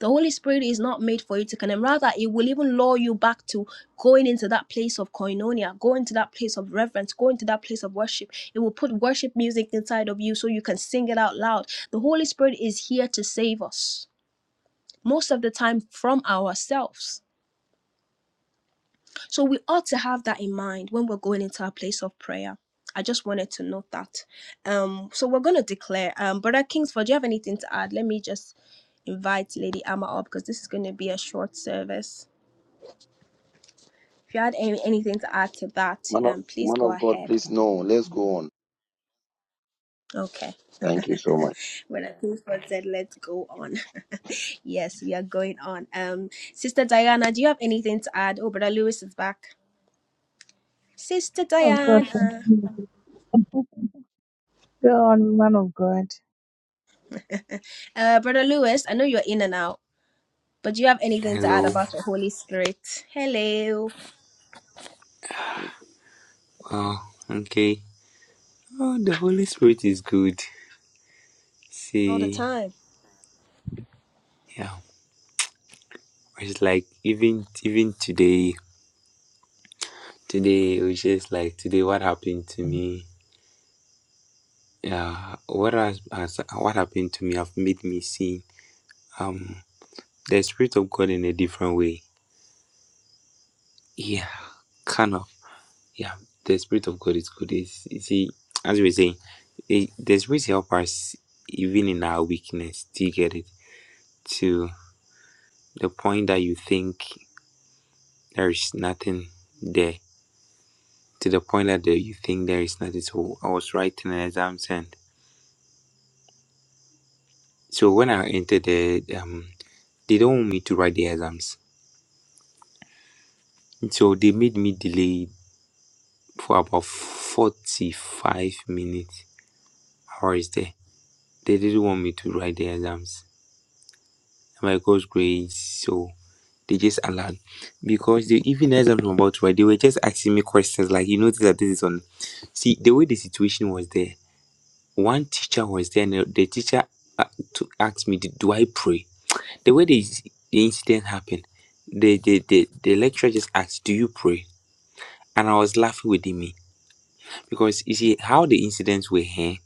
Speaker 1: The Holy Spirit is not made for you to condemn. Rather, it will even lure you back to going into that place of koinonia, going to that place of reverence, going to that place of worship. It will put worship music inside of you so you can sing it out loud. The Holy Spirit is here to save us, most of the time from ourselves. So we ought to have that in mind when we're going into our place of prayer. I just wanted to note that. Um, so we're gonna declare. Um, Brother Kingsford, do you have anything to add? Let me just invite Lady Amma up because this is gonna be a short service. If you had any, anything to add to that,
Speaker 2: Man of,
Speaker 1: um, please
Speaker 2: man
Speaker 1: go
Speaker 2: of God,
Speaker 1: ahead.
Speaker 2: please no. Let's go on.
Speaker 1: Okay.
Speaker 2: Thank you so much.
Speaker 1: When I think God said, let's go on. yes, we are going on. Um, Sister Diana, do you have anything to add? Oh, Brother Lewis is back. Sister
Speaker 4: Of God,
Speaker 1: Diana.
Speaker 4: continue. Go on, man of God.
Speaker 1: Uh, Brother Lewis, I know you're in and out, but do you have anything to add
Speaker 5: Hello.
Speaker 1: about the Holy Spirit? Hello.
Speaker 5: Oh, okay. Oh, the Holy Spirit is good.
Speaker 1: All the
Speaker 5: See,
Speaker 1: time.
Speaker 5: yeah, it's like even even today, today it was just like today. What happened to me? Yeah, what has, has what happened to me have made me see um the Spirit of God in a different way. Yeah, kind of. Yeah, the Spirit of God is good. It's, you see, as we were saying, it, the Spirit help us even in our weakness. Do you get it? To the point that you think. there is nothing there to the point that the, you think there is nothing. So I was writing an exams, and so when I entered the, um, they don't want me to write the exams, so they made me delay for about forty-five minutes hours there. They didn't want me to write the exams. My God's grades, so they just allowed because they even as I'm about to write, they were just asking me questions like you notice that this is on. See the way the situation was there. One teacher was there, and the teacher uh, to ask me, "Did- "Do I pray?" The way the, the incident happened, the, the the the lecturer just asked, "Do you pray?" And I was laughing within me because you see how the incidents were here.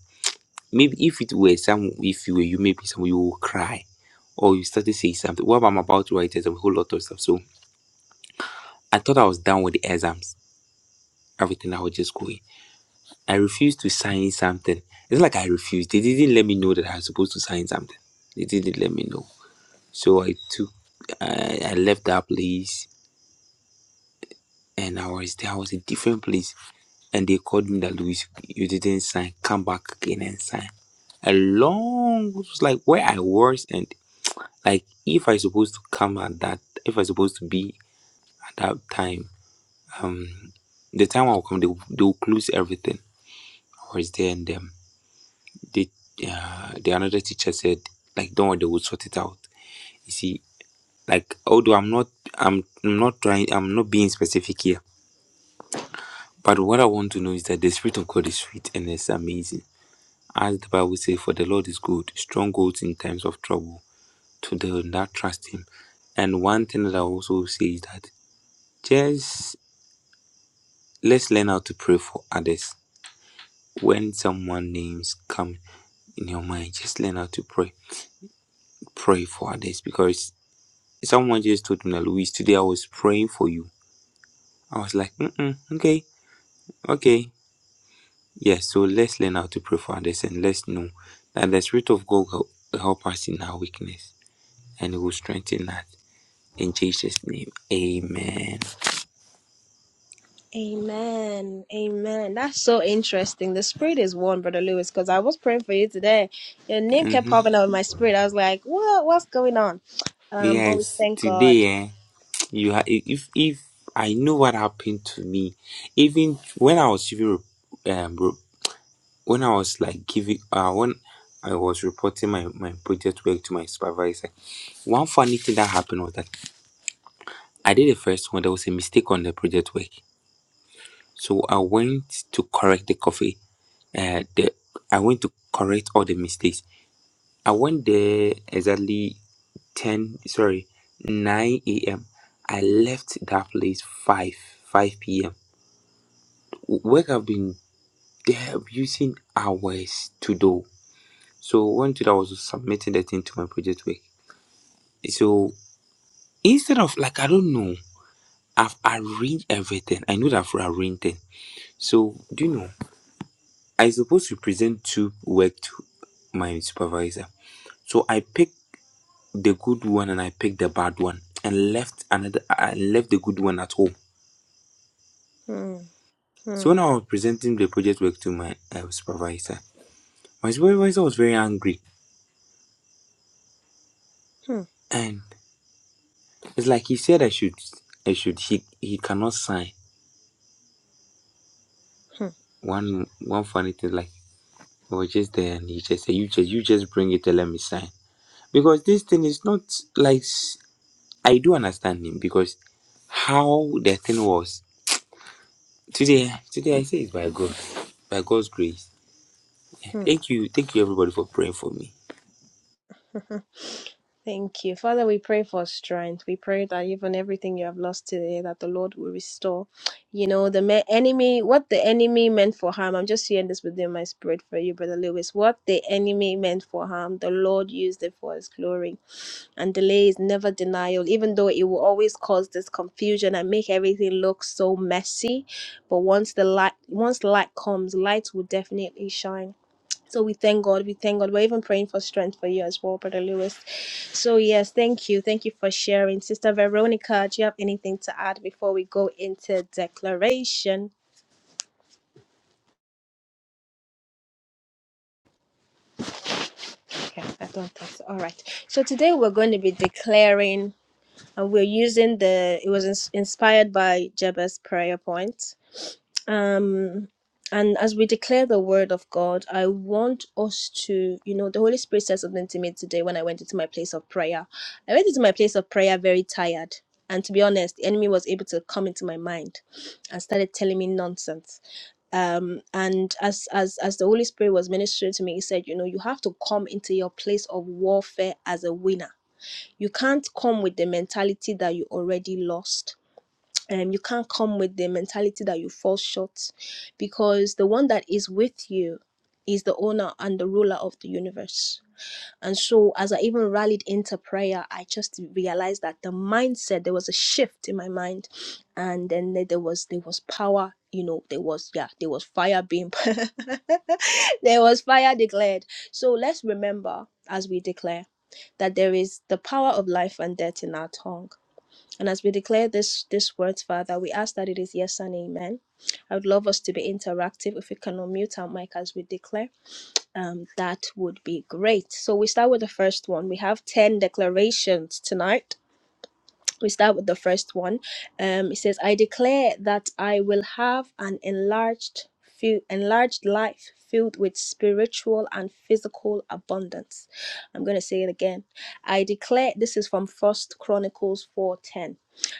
Speaker 5: Maybe if it were some, if you were you, maybe some you will cry, or you started saying something. What I'm about to write is a whole lot of stuff. So I thought I was done with the exams, everything. I was just going. I refused to sign something. It's not like I refused. They didn't let me know that I was supposed to sign something. They didn't let me know. So I took, I, I left that place and I was there. I was a different place. And they called me that, Louis, you didn't sign. Come back again and sign. A long, it was like where I was. And like, if I supposed to come at that, if I supposed to be at that time, the time I'll come, they, will- they will close everything. I was there and um, they, uh, the another teacher said, like, don't worry, they will sort it out. You see, like, although I'm not, I'm, I'm not trying, I'm not being specific here But what I want to know is that the Spirit of God is sweet and it's amazing. As the Bible says, for the Lord is good, strongholds in times of trouble to them that trust Him. And one thing that I also say is that just let's learn how to pray for others. When someone names come in your mind, just learn how to pray. Pray for others because someone just told me, that Louise, today I was praying for you. I was like, Mm-mm, okay, okay. Yes, so let's learn how to pray for others and let's know that the Spirit of God will help us in our weakness and He will strengthen us. In Jesus' name, Amen.
Speaker 1: Amen. Amen. That's so interesting. The spirit is one, Brother Lewis, because I was praying for you today. Your name kept
Speaker 5: hmm
Speaker 1: popping up in my spirit. I was like, what? What's going on? Um, but we
Speaker 5: Yes,
Speaker 1: thank God.
Speaker 5: today, eh, you ha- if if I know what happened to me, even when I was giving, re- um, re- when I was like giving, uh, when I was reporting my my project work to my supervisor, one funny thing that happened was that I did the first one. There was a mistake on the project work So I went to correct the coffee. Uh, the I went to correct all the mistakes. I went there exactly ten, sorry, nine a.m. I left that place five, five p.m. Work I've been there using hours to do. So one today I was submitting the thing to my project work. So instead of like I don't know, I've arranged everything. I know that I've arranged it. So do you know? I supposed to present two work to my supervisor. So I picked the good one and I picked the bad one and left another I left the good one at home.
Speaker 1: Hmm,
Speaker 5: So
Speaker 1: hmm,
Speaker 5: when I was presenting the project work to my uh, supervisor, my supervisor was very angry
Speaker 1: hmm,
Speaker 5: and it's like he said I should I should he he cannot sign
Speaker 1: hmm,
Speaker 5: one one funny thing like I was just there and he just said you just you just bring it and let me sign because this thing is not like I do understand him because how the thing was today. Today I say it's by God, by God's grace.
Speaker 1: hmm.
Speaker 5: Thank you, thank you everybody for praying for me.
Speaker 1: Thank you. Father, we pray for strength. We pray that even everything you have lost today, that the Lord will restore. You know, the me- enemy, what the enemy meant for harm, I'm just hearing this within my spirit for you, Brother Lewis. What the enemy meant for harm, the Lord used it for his glory. and delay is never denial even though it will always cause this confusion and make everything look so messy but once the light once light comes light will definitely shine so we thank god we thank god we're even praying for strength for you as well brother lewis so yes thank you thank you for sharing sister veronica do you have anything to add before we go into declaration okay i don't think so all right so today we're going to be declaring and we're using the it was ins- inspired by jabez prayer point um and as we declare the word of god i want us to you know the holy spirit said something to me today when i went into my place of prayer i went into my place of prayer very tired and to be honest the enemy was able to come into my mind and started telling me nonsense um and as as as the holy spirit was ministering to me he said you know you have to come into your place of warfare as a winner you can't come with the mentality that you already lost um, you can't come with the mentality that you fall short because the one that is with you is the owner and the ruler of the universe. And so, as I even rallied into prayer, I just realized that the mindset there was a shift in my mind, and then there there was there was power. You know, there was yeah, there was fire being, there was fire declared. So let's remember as we declare that there is the power of life and death in our tongue and as we declare this this word, Father, we ask that it is yes and amen. I would love us to be interactive. If we can unmute our mic as we declare, um, that would be great. So we start with the first one. We have ten declarations tonight we start with the first one. Um, it says, "I declare that I will have an enlarged, fi- enlarged life filled with spiritual and physical abundance." I'm going to say it again. I declare this is from First Chronicles four ten.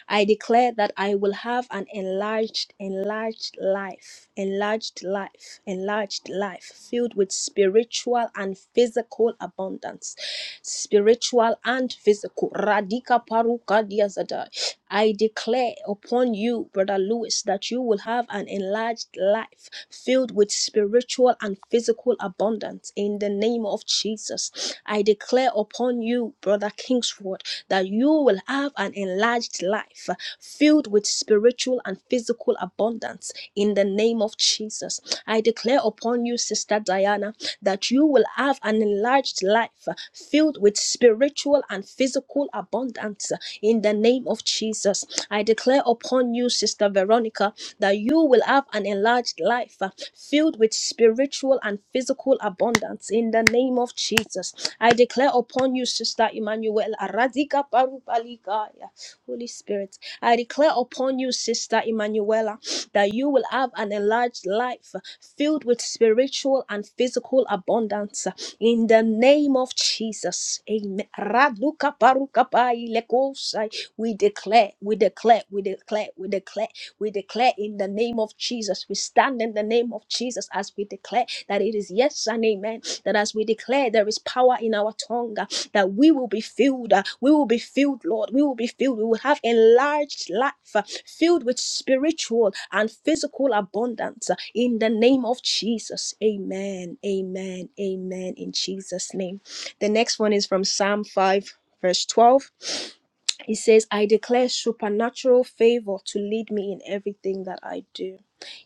Speaker 1: I declare that I will have an enlarged, enlarged life, enlarged life, enlarged life filled with spiritual and physical abundance spiritual and physical. Radika paruka diazada. I declare upon you, Brother Lewis, that you will have an enlarged life filled with spiritual and physical abundance in the name of Jesus. I declare upon you, Brother Kingsford, that you will have an enlarged life filled with spiritual and physical abundance in the name of Jesus. I declare upon you, Sister Diana, that you will have an enlarged life uh, filled with spiritual and physical abundance uh, in the name of Jesus. I declare upon you, Sister Veronica, that you will have an enlarged life uh, filled with spiritual and physical abundance in the name of Jesus. I declare upon you, Sister Emmanuel, Aradika Parupalikaya. Holy Spirit, I declare upon you, Sister Emmanuela, that you will have an enlarged life filled with spiritual and physical abundance in the name of Jesus. Amen. Raduka paruka pai lekosai. We declare, we declare, we declare, we declare, we declare in the name of Jesus. We stand in the name of Jesus as we declare that it is yes and amen. That as we declare, there is power in our tongue that we will be filled. uh, We will be filled, Lord. We will be filled. We will have enlarged life uh, filled with spiritual and physical abundance uh, in the name of Jesus. Amen. Amen. Amen. In Jesus' name. The next one is from Psalm 5, verse 12. He says, I declare supernatural favor to lead me in everything that I do.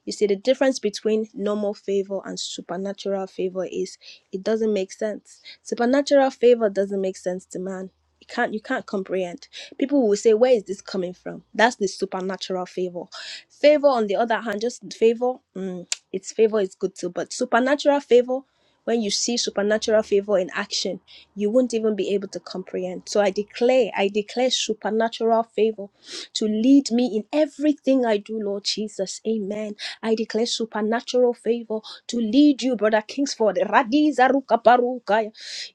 Speaker 1: You see, the difference between normal favor and supernatural favor is it doesn't make sense. Supernatural favor doesn't make sense to man. You can't you can't comprehend. People will say, Where is this coming from? That's the supernatural favor. Favor, on the other hand, just favor, mm, it's favor is good too, but supernatural favor when you see supernatural favor in action, you won't even be able to comprehend. So I declare, I declare supernatural favor to lead me in everything I do, Lord Jesus. Amen. I declare supernatural favor to lead you, Brother Kingsford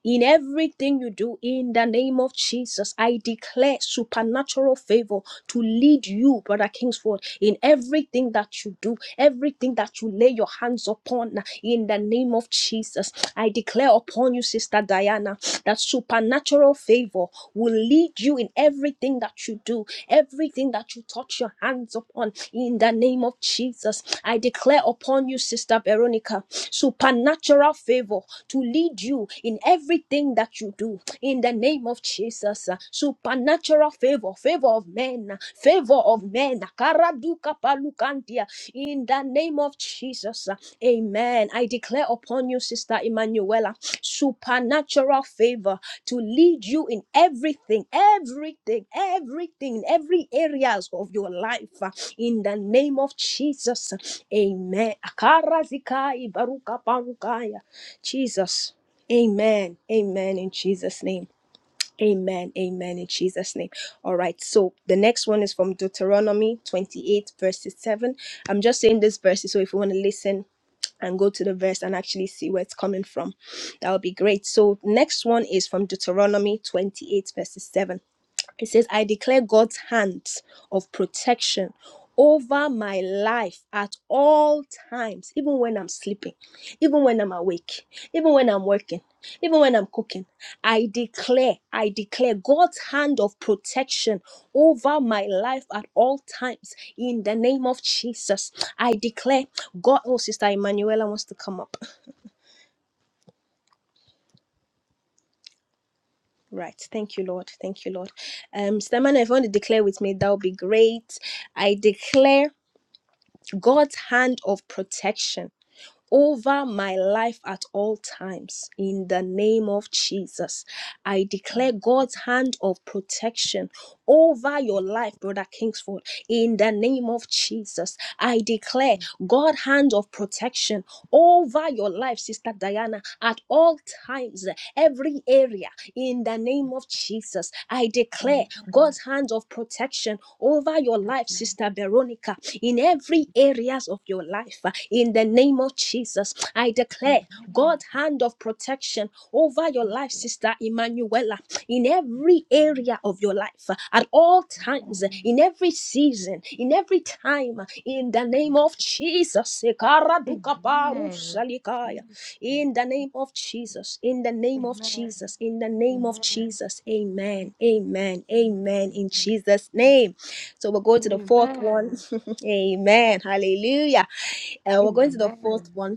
Speaker 1: in everything you do in the name of Jesus. I declare supernatural favor to lead you, Brother Kingsford, in everything that you do, everything that you lay your hands upon in the name of Jesus. I declare upon you, Sister Diana. That supernatural favor will lead you in everything that you do, everything that you touch your hands upon. In the name of Jesus, I declare upon you, Sister Veronica, supernatural favor to lead you in everything that you do in the name of Jesus. uh, Supernatural favor, favor of men, uh, favor of men. Karaduka palukandia, In the name of Jesus. uh, Amen. I declare upon you, Sister Emanuela, supernatural favor to lead you in everything, everything, everything, in every areas of your life. uh, In the name of Jesus. Amen. Akarazikai baruka barukaya. Jesus. Amen. Amen in Jesus' name. Amen. Amen in Jesus' name. All right. So the next one is from Deuteronomy 28, verses 7. I'm just saying this verse so if you want to listen and go to the verse and actually see where it's coming from, that would be great. So next one is from Deuteronomy 28, verses 7. It says, I declare God's hand of protection over my life at all times, even when I'm sleeping, even when I'm awake, even when I'm working, even when I'm cooking. I declare, I declare God's hand of protection over my life at all times in the name of Jesus. I declare God. Oh, Sister Emanuela wants to come up. Right. Thank you, Lord. Thank you, Lord. Um, Sister Emanuela, if you want to declare with me, that would be great. I declare. God's hand of protection over my life at all times in the name of Jesus. I
Speaker 6: Amen.
Speaker 1: declare God's hand of protection over your life, Brother Kingsford, in the name of Jesus. I declare God's hand of protection over your life, Sister Diana, at all times, every area, in the name of Jesus. I declare
Speaker 6: Amen.
Speaker 1: God's hands of protection over your life, Sister Veronica, in every areas of your life, in the name of Jesus. I declare
Speaker 6: Amen.
Speaker 1: God's hand of protection over your
Speaker 6: Jesus.
Speaker 1: life, Sister Emanuela, in every
Speaker 6: Amen.
Speaker 1: area of your life, at all times,
Speaker 6: Amen.
Speaker 1: in every season, in every time, in the name of Jesus.
Speaker 6: Amen. Amen.
Speaker 1: Sekaradukaparusalikaya.
Speaker 6: Yes, yes, Lord.
Speaker 1: In the name of Jesus, in the
Speaker 6: Amen. Amen. Amen. Jesus.
Speaker 1: name of
Speaker 6: Amen.
Speaker 1: Jesus, in the name of
Speaker 6: Amen.
Speaker 1: Jesus. Amen, amen, amen, in Jesus' name. So we'll go to the fourth one. amen, hallelujah. Uh, we're going to the fourth one.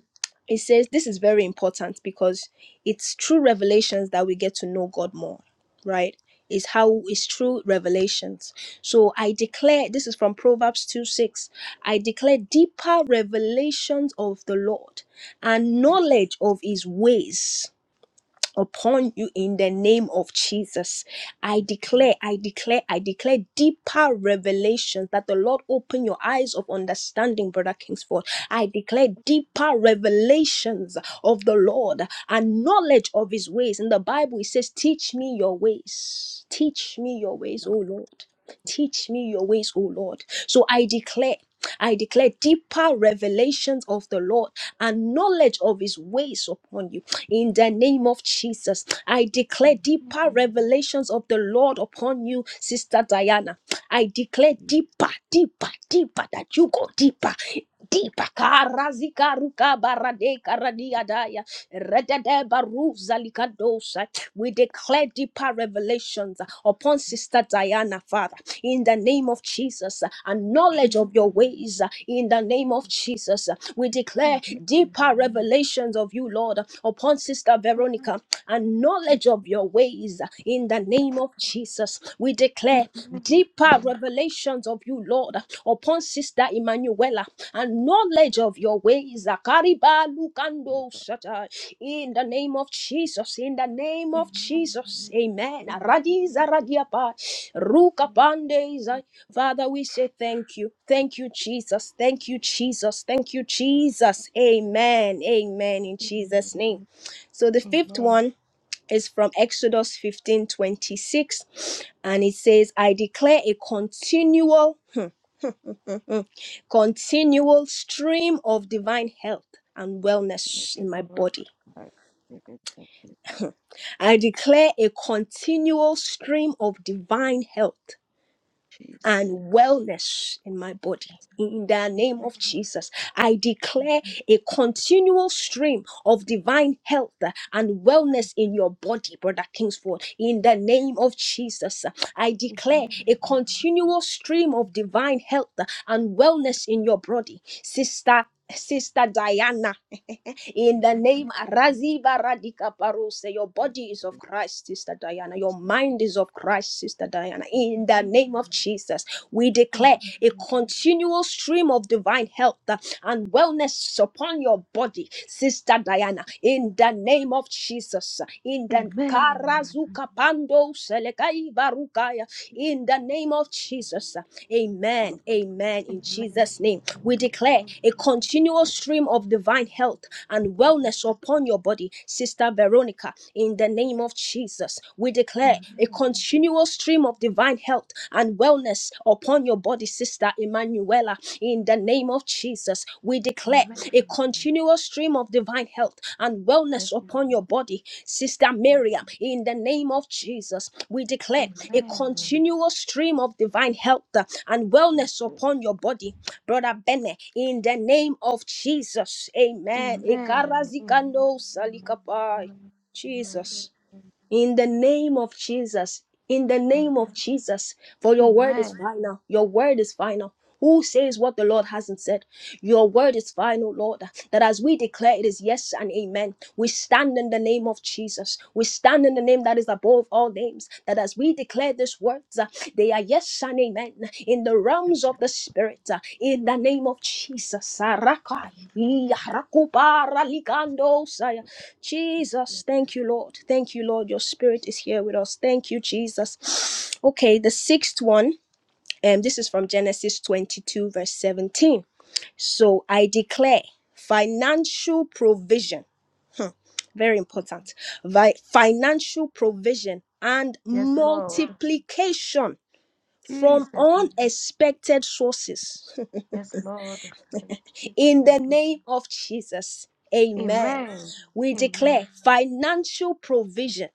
Speaker 1: It says this is very important because it's through revelations that we get to know God more, right? Is how it's through revelations. So I declare, this is from Proverbs 2 6. I declare deeper revelations of the Lord and knowledge of his ways upon you in the name of Jesus. I declare, I declare, I declare deeper revelations that the Lord open your eyes of understanding, Brother Kingsford. I declare deeper revelations of the Lord and knowledge of his ways. In the Bible, it says, Teach me your ways. Teach me your ways, O Lord. Teach me your ways, O Lord. So I declare. I declare deeper revelations of the Lord and knowledge of his ways upon you in the name of Jesus. I declare deeper revelations of the Lord upon you, Sister Diana. I declare deeper, deeper, deeper that you go deeper. Deeper karazika ruka barade karadia daya redede baruza likadosa. We declare deeper revelations upon Sister Diana, Father in the name of Jesus, and knowledge of your
Speaker 6: Amen.
Speaker 1: ways in the name of Jesus. We declare deeper revelations of you, Lord, upon Sister Veronica and knowledge of your ways in the name of Jesus. We declare deeper revelations of you, Lord, upon Sister Emanuela and knowledge of your ways. Akariba lukando shata. In the name of Jesus, in the name of Jesus, amen. Radiza radiapa, rukapandeza. Father, we say thank you. Thank you, Jesus. Thank you, Jesus. Thank you, Jesus. Amen. Amen. In Jesus' name.
Speaker 6: Amen.
Speaker 1: So the fifth
Speaker 6: Amen.
Speaker 1: one is from Exodus 15 26, and it says, I declare a continual, continual stream of divine health and wellness
Speaker 6: Yes,
Speaker 1: in my
Speaker 6: Lord.
Speaker 1: body.
Speaker 6: Our spirit of Jesus.
Speaker 1: I declare a continual stream of divine health and
Speaker 6: Jesus.
Speaker 1: wellness in my body. In the name
Speaker 6: Amen.
Speaker 1: of Jesus, I declare a continual stream of divine health and wellness in your body, Brother Kingsford. In the name of Jesus, I declare a
Speaker 6: Amen.
Speaker 1: continual stream of divine health and wellness in your body, Sister. Sister Diana, in the
Speaker 6: Amen.
Speaker 1: name Raziba Radika Paruse. Your body is of Christ, Sister Diana. Your mind is of Christ, Sister Diana. In the name of Jesus, we
Speaker 6: Amen.
Speaker 1: declare a continual stream of divine health uh, and wellness upon your body, Sister Diana. In the name of Jesus, in the Karazuka Pando Selekai Barukaya in the name of Jesus. Amen. Amen. In Jesus' name, we declare a continual stream of divine health and
Speaker 6: Yes,
Speaker 1: wellness upon your body, Sister Veronica. In the name of Jesus, we declare a continual stream of divine health and wellness upon your body, Sister Emanuela. In the name of Jesus. Jesus, we declare a continuous stream of divine health and wellness upon your body, Sister Miriam, in the name of Jesus. We declare
Speaker 6: amen.
Speaker 1: a
Speaker 6: Amen.
Speaker 1: continuous stream of divine health uh, and wellness upon your body, Brother Bene, in the name of Jesus.
Speaker 6: Yes,
Speaker 1: Amen.
Speaker 6: Lord. Amen. Yes,
Speaker 1: Ikarazikando
Speaker 6: Amen.
Speaker 1: salikapai.
Speaker 6: Amen. Amen.
Speaker 1: Jesus
Speaker 6: Amen. Amen.
Speaker 1: in the name of Jesus. In the name of Jesus, for your word is
Speaker 6: Amen.
Speaker 1: final. Your word is final. Who says what the Lord hasn't said? Your word is final, Lord. That as we declare it is yes and amen. We stand in the name of Jesus. We stand in the name that is above all names. That as we declare these words. uh, They are yes and amen in the realms of the spirit. uh, In the name of Jesus. Arakai,
Speaker 6: Amen.
Speaker 1: iya, rakubara, ligando, saya. Jesus, thank you, Lord. Thank you, Lord. Your spirit is here with us. Thank you, Jesus. Okay, the sixth one, and this is from Genesis 22, verse 17. So I declare financial provision, very important, Vi- financial provision and
Speaker 6: Yes, Lord. Amen. Yes, Lord.
Speaker 1: multiplication from
Speaker 6: Jesus.
Speaker 1: unexpected sources.
Speaker 6: Yes, Lord. I receive
Speaker 1: In
Speaker 6: from
Speaker 1: the
Speaker 6: you.
Speaker 1: name of Jesus, amen.
Speaker 6: Amen.
Speaker 1: We
Speaker 6: Amen.
Speaker 1: declare financial provision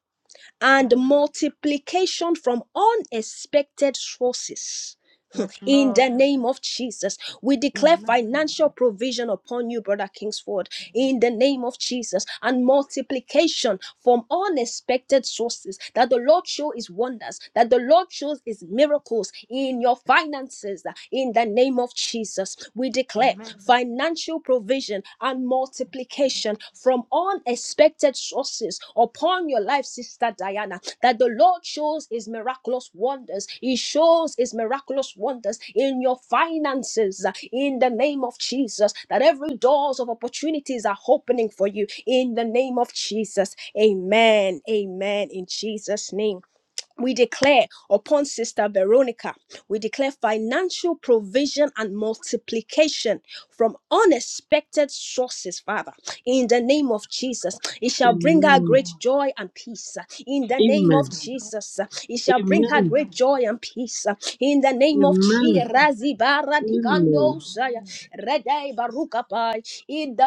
Speaker 6: I
Speaker 1: and
Speaker 6: re-
Speaker 1: multiplication from unexpected sources
Speaker 6: Yes,
Speaker 1: in
Speaker 6: Lord.
Speaker 1: the name of Jesus. We declare
Speaker 6: Amen. Amen.
Speaker 1: financial provision upon you, Brother Kingsford, in the name of Jesus, and multiplication from unexpected sources. That the Lord show his wonders, that the Lord shows his miracles in your
Speaker 6: Yes.
Speaker 1: finances, in the name of Jesus. We declare
Speaker 6: Amen.
Speaker 1: financial provision and multiplication from unexpected sources blessings upon your life, Sister Diana, that the Lord shows his miraculous wonders. He shows his miraculous wonders in your finances uh, in the name of Jesus, that every doors of opportunities are opening for you in the name of Jesus. Amen. Amen. In Jesus' name we declare upon Sister Veronica, we declare financial provision and multiplication from unexpected sources, Father. In the name of Jesus, it shall bring her
Speaker 3: Amen.
Speaker 1: great joy and peace. In the name of
Speaker 3: Amen.
Speaker 1: Jesus, it shall bring her
Speaker 6: Amen.
Speaker 1: great joy and peace. In the name of
Speaker 6: Yes,
Speaker 3: Amen.
Speaker 1: Jesus, in the
Speaker 3: Amen.
Speaker 6: Lord.
Speaker 3: Amen.
Speaker 6: Amen.
Speaker 3: Thank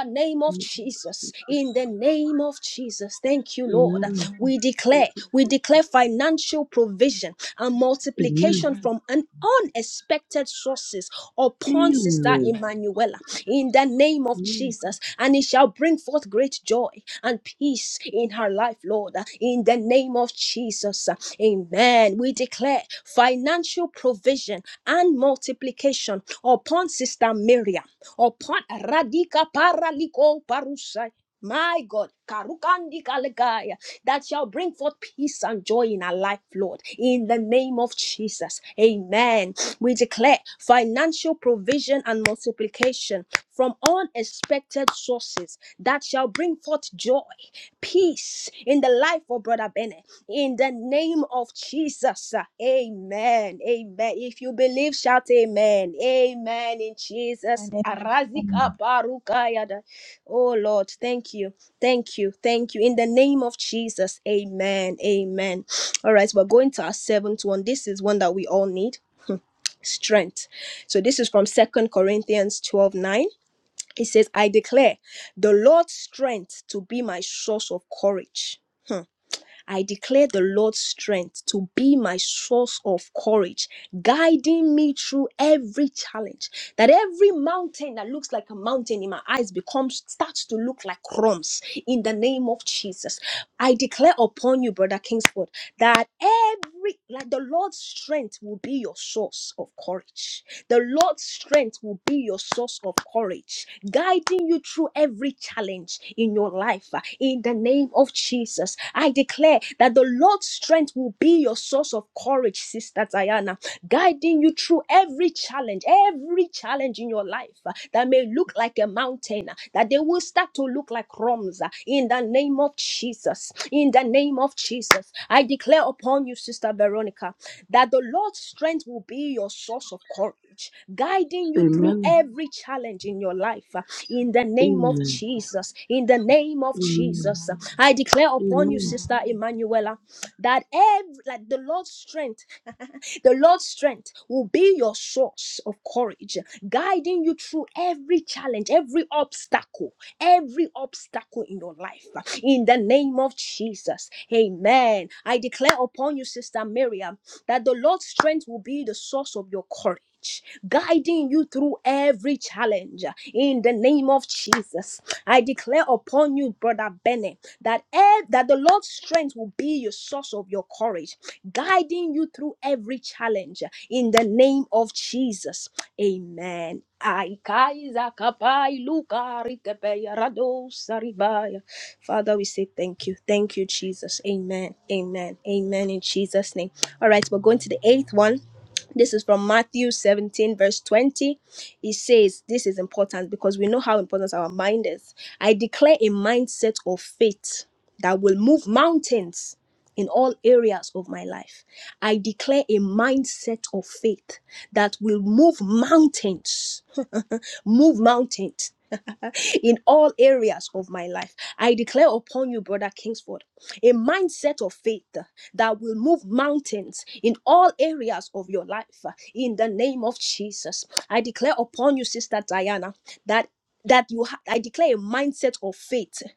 Speaker 1: name of
Speaker 3: you,
Speaker 1: Jesus, in
Speaker 3: Jesus.
Speaker 1: the name of Jesus, thank you, Lord.
Speaker 3: Amen.
Speaker 1: We
Speaker 3: Thank
Speaker 1: declare.
Speaker 3: you,
Speaker 1: We declare
Speaker 3: Jesus.
Speaker 1: financial provision and
Speaker 3: Amen.
Speaker 1: multiplication from an unexpected sources upon Sister
Speaker 3: Amen.
Speaker 1: Emanuela in the name of
Speaker 3: Amen.
Speaker 1: Jesus, and it shall bring forth great joy and peace in her life, Lord, in the name of Jesus. Amen. We declare financial provision and multiplication upon Sister Miriam, upon Radika Paraliko Parusai. My God, Karukandi Kalegaya, that shall bring forth peace and joy in our life, Lord, in the name of Jesus. Amen. We declare financial provision and multiplication from unexpected sources that shall bring forth joy, peace in the life of Brother Bennett, in the name of Jesus. Amen. Amen. If you believe, shout amen. Amen. In Jesus.
Speaker 4: And amen.
Speaker 1: Arazika barukayada. Oh Lord, thank you. Thank you. Thank you. In the name of Jesus. Amen. Amen. All right, we're going to our seventh one. This is one that we all need strength. So this is from Second Corinthians 12 9. It says, I declare the Lord's strength to be my source of courage I declare the Lord's strength to be my source of courage, guiding me through every challenge. That every mountain that looks like a mountain in my eyes becomes starts to look like crumbs in the name of Jesus. I declare upon you, Brother Kingsford, that every like the Lord's strength will be your source of courage the Lord's strength will be your source of courage, guiding you through every challenge in your life. uh, In the name of Jesus, I declare that the Lord's strength will be your source of courage, Sister Diana, guiding you through every challenge, every challenge in your life uh, that may look like a mountain, uh, that they will start to look like crumbs. uh, In the name of Jesus, in the name of Jesus, I declare upon you, Sister Veronica that the Lord's strength will be your source of courage, guiding you through
Speaker 3: Amen.
Speaker 1: every challenge in your life. uh, In the name of
Speaker 3: Amen.
Speaker 1: Jesus, in the name of
Speaker 3: Amen.
Speaker 1: Jesus, uh, I declare upon you,
Speaker 3: Amen.
Speaker 1: Sister Amen. Emanuela, that every like the Lord's strength the Lord's strength will be your source of courage, guiding you through every challenge, every obstacle, every obstacle in your life. In the name of Jesus. Amen. I declare upon you, Sister Miriam, that the Lord's strength will be the source of your courage. Guiding you through every challenge in the name of Jesus. I declare upon you, Brother Bennett, that ev- that the Lord's strength will be your source of your courage guiding you through every challenge in the name of Jesus. Amen. Ai, kai, luka, rikepeya, rado, saribaya. Father, we say thank you. Thank you, Jesus. Amen. Amen. Amen. In Jesus' name. All right, we're going to the eighth one. This is from Matthew 17, verse 20. It says, This is important because we know how important our mind is. I declare a mindset of faith that will move mountains in all areas of my life. I declare a mindset of faith that will move mountains, move mountains. in all areas of my life, I declare upon you, Brother Kingsford, a mindset of faith that will move mountains in all areas of your life. In the name of Jesus, I declare upon you, Sister Diana, that that you ha- I declare a mindset of faith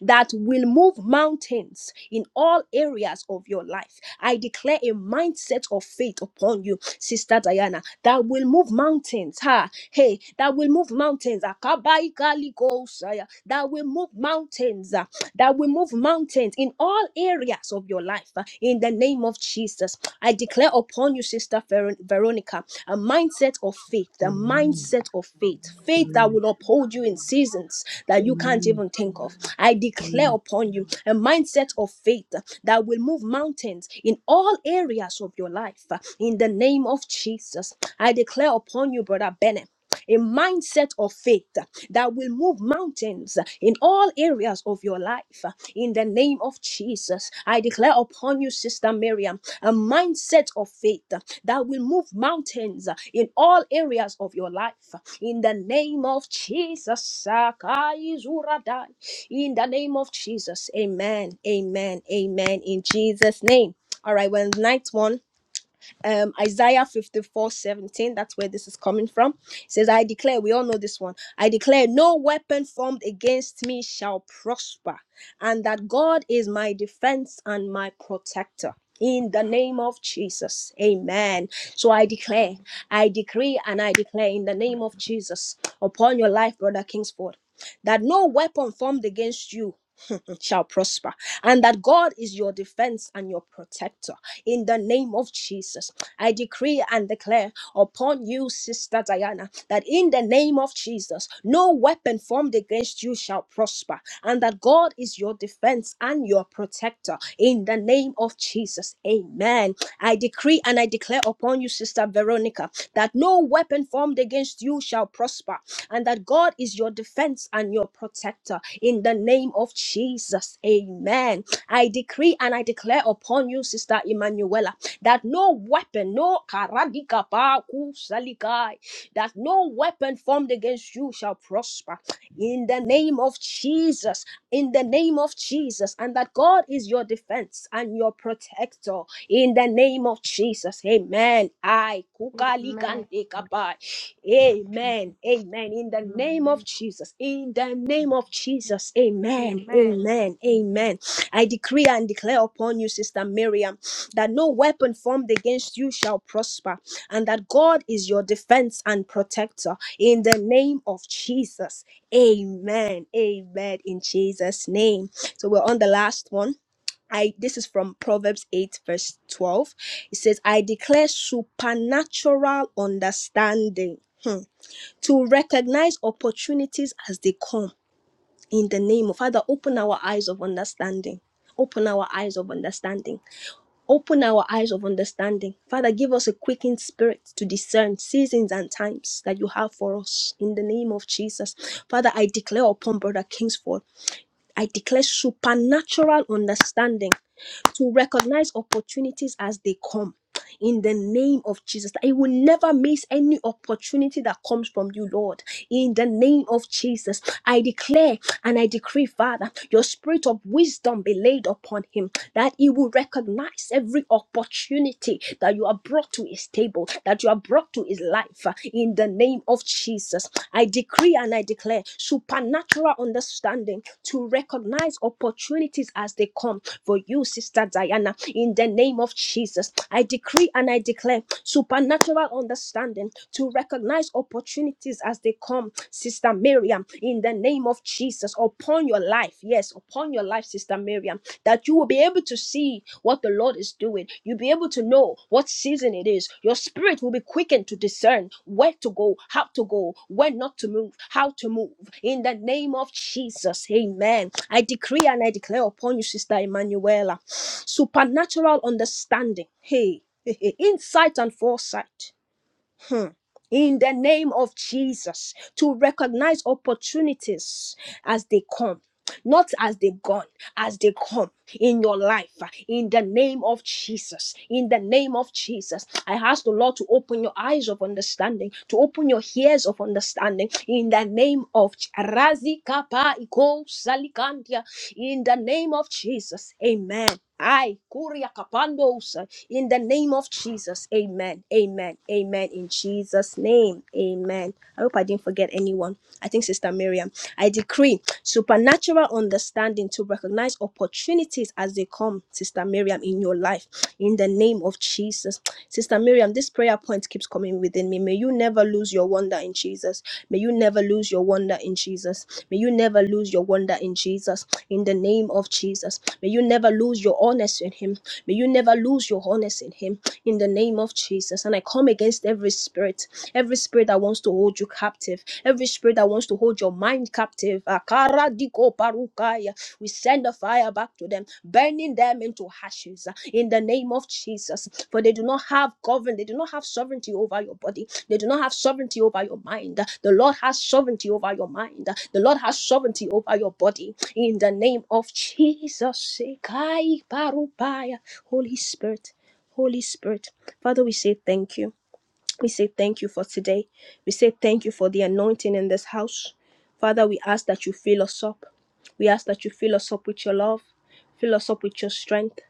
Speaker 1: that will move mountains in all areas of your life. I declare a mindset of faith upon you, Sister Diana, that will move mountains. Ha, hey, that will move mountains. Akabai galigosaya, That will move mountains. ah, That will move mountains in all areas of your life. ah, In the name of Jesus. Jesus. I declare upon you, Sister Ver- Veronica, a mindset of faith, a mindset of faith, faith that
Speaker 3: Amen.
Speaker 1: will uphold you in seasons that you can't
Speaker 3: Amen.
Speaker 1: even think of. I
Speaker 3: Amen.
Speaker 1: declare upon you a mindset of faith that will move mountains in all areas of your life. In the name of Jesus, I declare upon you, Brother Bennett a mindset of faith that will move mountains in all areas of your life. In the name of Jesus, I declare upon you, Sister Miriam, a mindset of faith that will move mountains in all areas of your life. In the name of Jesus, Sakai Zuradai. in the name of Jesus, amen, amen, amen. In Jesus' name. All right, well, night one um Isaiah 54 17. That's where this is coming from. It says, I declare, we all know this one. I declare, no weapon formed against me shall prosper, and that God is my defense and my protector. In the name of Jesus. Amen. So I declare, I decree, and I declare in the name of Jesus upon your life, Brother Kingsford, that no weapon formed against you shall prosper, and that God is your defense and your protector. In the name of Jesus, I decree and declare upon you, Sister Diana, that in the name of Jesus, no weapon formed against you shall prosper, and that God is your defense and your protector. In the name of Jesus, amen. I decree and I declare upon you, Sister Veronica, that no weapon formed against you shall prosper, and that God is your defense and your protector in the name of Jesus. Amen. I decree and I declare upon you, Sister Emanuela, that no weapon, no karadikapaku salikai, that no weapon formed against you shall prosper in the name of Jesus in the name of Jesus, and that God is your defense and your protector in the name of Jesus. Amen. I
Speaker 6: Amen. Thank
Speaker 1: kukalikapai.
Speaker 6: you,
Speaker 1: Amen.
Speaker 6: Jesus.
Speaker 1: Amen. In the name of
Speaker 6: Amen.
Speaker 1: Jesus. In the name of Jesus. Amen.
Speaker 6: Amen.
Speaker 1: Amen.
Speaker 6: Amen.
Speaker 1: Amen. I decree and declare upon you, Sister Miriam, that no weapon formed against you shall prosper, and that God is your defense and protector in the name of Jesus. Amen. Amen. In Jesus' name. So we're on the last one. I this is from Proverbs 8, verse 12. It says, I declare supernatural understanding to recognize opportunities as they come. In the name of Father, open our eyes of understanding. Open our eyes of understanding. Open our eyes of understanding. Father, give us a quickened spirit to discern seasons and times that you have for us. In the name of Jesus. Father, I declare upon Brother Kingsford. I declare supernatural understanding to recognize opportunities as they come. In the name of Jesus, that you will never miss any opportunity that comes from you, Lord. In the name of Jesus, I declare and I decree, Father, your spirit of wisdom be laid upon him, that he will recognize every opportunity that you have brought to his table, that you have brought to his life. In the name of Jesus, I declare decree and I declare supernatural understanding to recognize opportunities as they come for you, Sister Diana, in the name of Jesus. I decree and I declare supernatural understanding to recognize opportunities as they come, Sister Miriam, in the name of Jesus, upon your life. Yes, upon your life, Sister Miriam that you will be able to see what the Lord is doing. You'll be able to know what season it is. Your spirit will be quickened to discern where to go, how to go, when not to move, how to move. In the name of Jesus, amen. I decree and I declare upon you, Sister Emanuela, supernatural understanding. Hey, insight and foresight. Hmm. In the name of Jesus, to recognize opportunities as they come, not as they gone, as they come in your life. In the name of Jesus, in the name of Jesus, I ask the Lord to open your eyes of understanding, to open your ears of understanding. In the name of Ch- Razi Kapa Iko Salikandia, in the name of Jesus, Amen. I Kuria Kapando in the name of Jesus. Amen. Amen. Amen. In Jesus' name. Amen. I hope I didn't forget anyone. I think Sister Miriam. I decree supernatural understanding to recognize opportunities as they come, Sister Miriam, in your life. In the name of Jesus. Sister Miriam, this prayer point keeps coming within me. May you never lose your wonder in Jesus. May you never lose your wonder in Jesus. May you never lose your wonder in Jesus. In the name of Jesus. May you never lose your honesty in Him. May you never lose your wholeness in Him in the name of Jesus. And I come against every spirit, every spirit that wants to hold you captive, every spirit that wants to hold your mind captive. Akara diko parukaya. We send the fire back to them, burning them into ashes uh, in the name of Jesus. For they do not have govern, they do not have sovereignty over your body, they do not have sovereignty over your mind. The Lord has sovereignty over your mind, the Lord has sovereignty over your body in the name of Jesus. Sekai parupaya. Holy Spirit. Holy Spirit. Father, we say thank you. We say thank you for today. We say thank you for the anointing in this house. Father, we ask that you fill us up. We ask that you fill us up with your love, fill us up with your strength,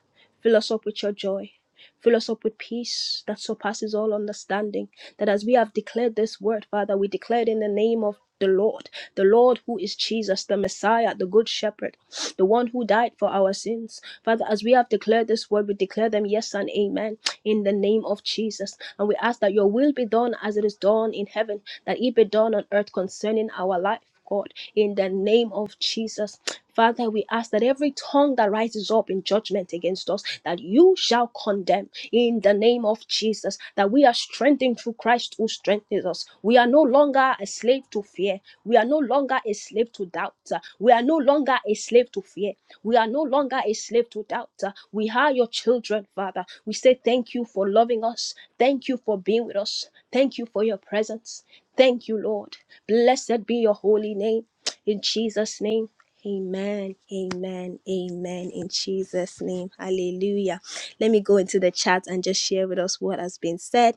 Speaker 1: fill us up with your joy. Fill us up with peace that surpasses all understanding. That as we have declared this word, Father, we declare it in the name of the Lord, the Lord who is Jesus, the Messiah, the Good Shepherd, the one who died for our sins. Father, as we have declared this word, we declare them yes and amen in the name of Jesus. And we ask that your will be done as it is done in heaven, that it be done on earth concerning our life. God, in the name of Jesus. Father, we ask that every tongue that rises up in judgment against us, that you shall condemn in the name of Jesus, that we are strengthened through Christ who strengthens us. We are no longer a slave to fear. We are no longer a slave to doubt. We are no longer a slave to fear. We are no longer a slave to doubt. We are your children, Father. We say thank you for loving us. Thank you for being with us. Thank you for your presence. Thank you, Lord. Blessed be your holy name. In Jesus' name. Amen, amen, amen. In Jesus' name, hallelujah. Let me go into the chat and just share with us what has been said.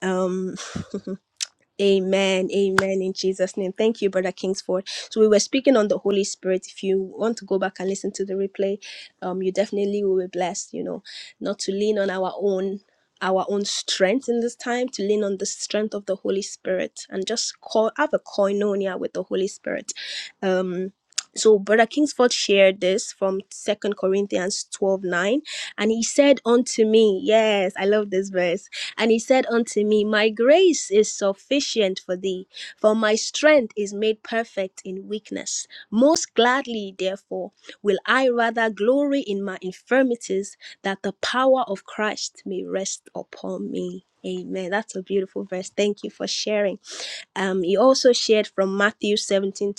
Speaker 1: Um. Amen. Amen. In Jesus' name. Thank you, Brother Kingsford. So we were speaking on the Holy Spirit. If you want to go back and listen to the replay, um, you definitely will be blessed, you know, not to lean on our own our own strength in this time to lean on the strength of the holy spirit and just call have a koinonia with the holy spirit um. So Brother Kingsford shared this from Second Corinthians 12 9, And he said unto me, Yes, I love this verse. And he said unto me, My grace is sufficient for thee, for my strength is made perfect in weakness. Most gladly, therefore, will I rather glory in my infirmities, that the power of Christ may rest upon me. Amen. That's a beautiful verse. Thank you for sharing. Um, he also shared from Matthew 17:20,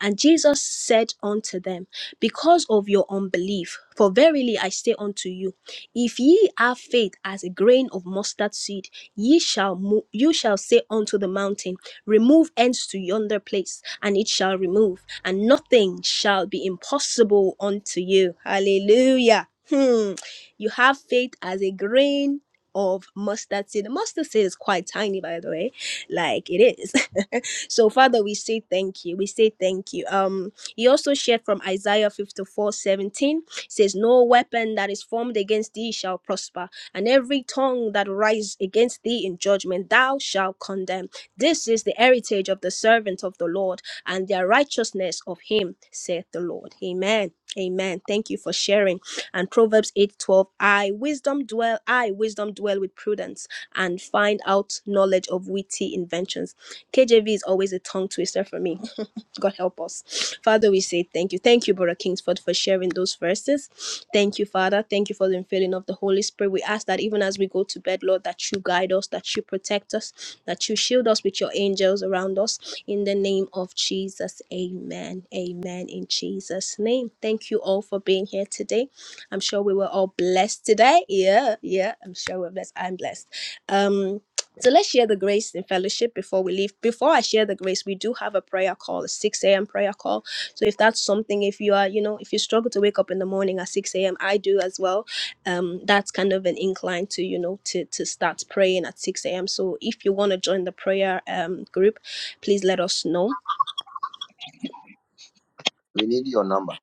Speaker 1: And Jesus said unto them, Because of your unbelief, for verily I say unto you, if ye have faith as a grain of mustard seed, ye shall mo- you shall say unto the mountain, Remove hence to yonder place, and it shall remove, and nothing shall be impossible unto you. Hallelujah. Hmm. You have faith as a grain of mustard seed. The mustard seed is quite tiny, by the way like it is. so, Father, we say thank you. We say thank you. Um, he also shared from Isaiah 54 17 says, No weapon that is formed against thee shall prosper, and every tongue that rise against thee in judgment thou shalt condemn. This is the heritage of the servant of the Lord, and their righteousness of him, saith the Lord. Amen. Amen. Thank you for sharing. And Proverbs 8 12, I wisdom dwell, I wisdom dwell with prudence and find out knowledge of witty inventions. KJV is always a tongue twister for me God help us. Father, we say thank you. Thank you, Brother Kingsford, for sharing those verses. Thank you, Father. Thank you for the infilling of the Holy Spirit. We ask that even as we go to bed, Lord, that you guide us, that you protect us, that you shield us with your angels around us. In the name of Jesus, amen. Amen. In Jesus' name. Thank you all for being here today. I'm sure we were all blessed today. Yeah, yeah. I'm sure we're blessed. I'm blessed. Um, so let's share the grace in fellowship before we leave. Before I share the grace, we do have a prayer call, a 6 a.m. prayer call. So if that's something, if you are, you know, if you struggle to wake up in the morning at 6 a.m., I do as well. Um, that's kind of an incline to, you know, to to start praying at 6 a.m. So if you want to join the prayer um group, please let us know.
Speaker 2: We need your number.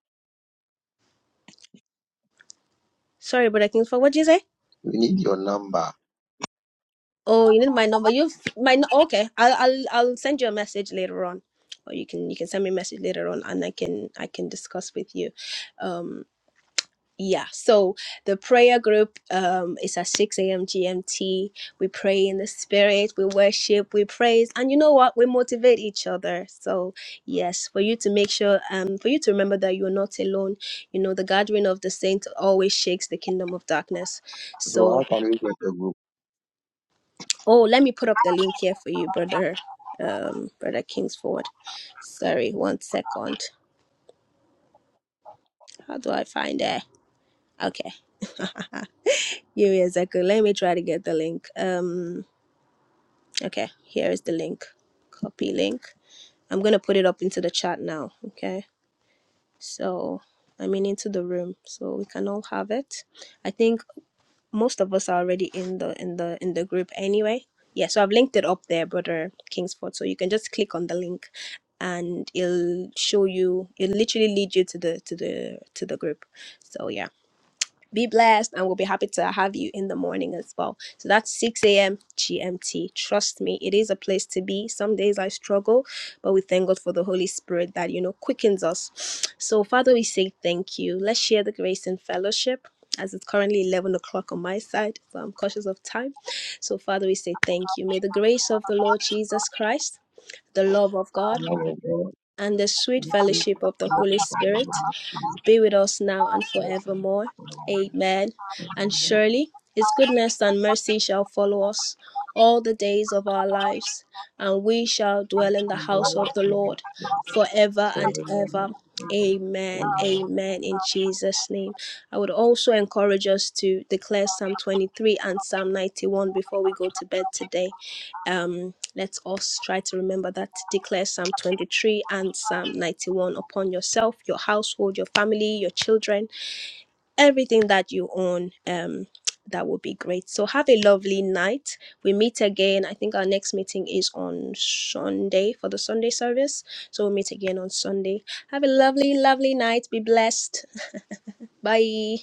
Speaker 1: Sorry, Brother Kingsford, what did you say?
Speaker 2: We need your number.
Speaker 1: Oh, you need my number. You my nu- okay. I'll I'll I'll send you a message later on, or you can you can send me a message later on, and I can I can discuss with you. Um, Yeah, so the prayer group um, is at 6 a.m. GMT. We pray in the spirit, we worship, we praise, and you know what? We motivate each other. So, yes, for you to make sure, um, for you to remember that you are not alone. You know, the gathering of the saints always shakes the kingdom of darkness.
Speaker 2: So
Speaker 1: So,
Speaker 2: how can we get a group?
Speaker 1: oh, let me put up the link here for you, brother, um, brother Kingsford. Sorry, one second. How do I find it? Okay, here is a good. Let me try to get the link. Um, Okay, here is the link. Copy link. I'm gonna put it up into the chat now. Okay, so I mean into the room, so we can all have it. I think most of us are already in the in the in the group anyway. Yeah, so I've linked it up there, brother Kingsford. So you can just click on the link, and it'll show you. It'll literally lead you to the to the to the group. So yeah be blessed, and we'll be happy to have you in the morning as well. So that's 6 a.m. GMT. Trust me, it is a place to be. Some days I struggle, but we thank God for the Holy Spirit that, you know, quickens us. So, Father, we say thank you. Let's share the grace and fellowship as it's currently 11 o'clock on my side. So, I'm cautious of time. So, Father, we say thank you. May the grace of the Lord Jesus Christ, the love of God, and the sweet fellowship of the Holy Spirit be with us now and forevermore. Amen. And surely his goodness and mercy shall follow us all the days of our lives, and we shall dwell in the house of the Lord forever and ever. Amen. Amen. In Jesus' name. I would also encourage us to declare Psalm 23 and Psalm 91 before we go to bed today um, let's us try to remember that to declare Psalm 23 and Psalm 91 upon yourself, your household, your family, your children, everything that you own. Um, that would be great. So have a lovely night. We meet again. I think our next meeting is on Sunday for the Sunday service. So we'll meet again on Sunday. Have a lovely, lovely night. Be blessed. Bye.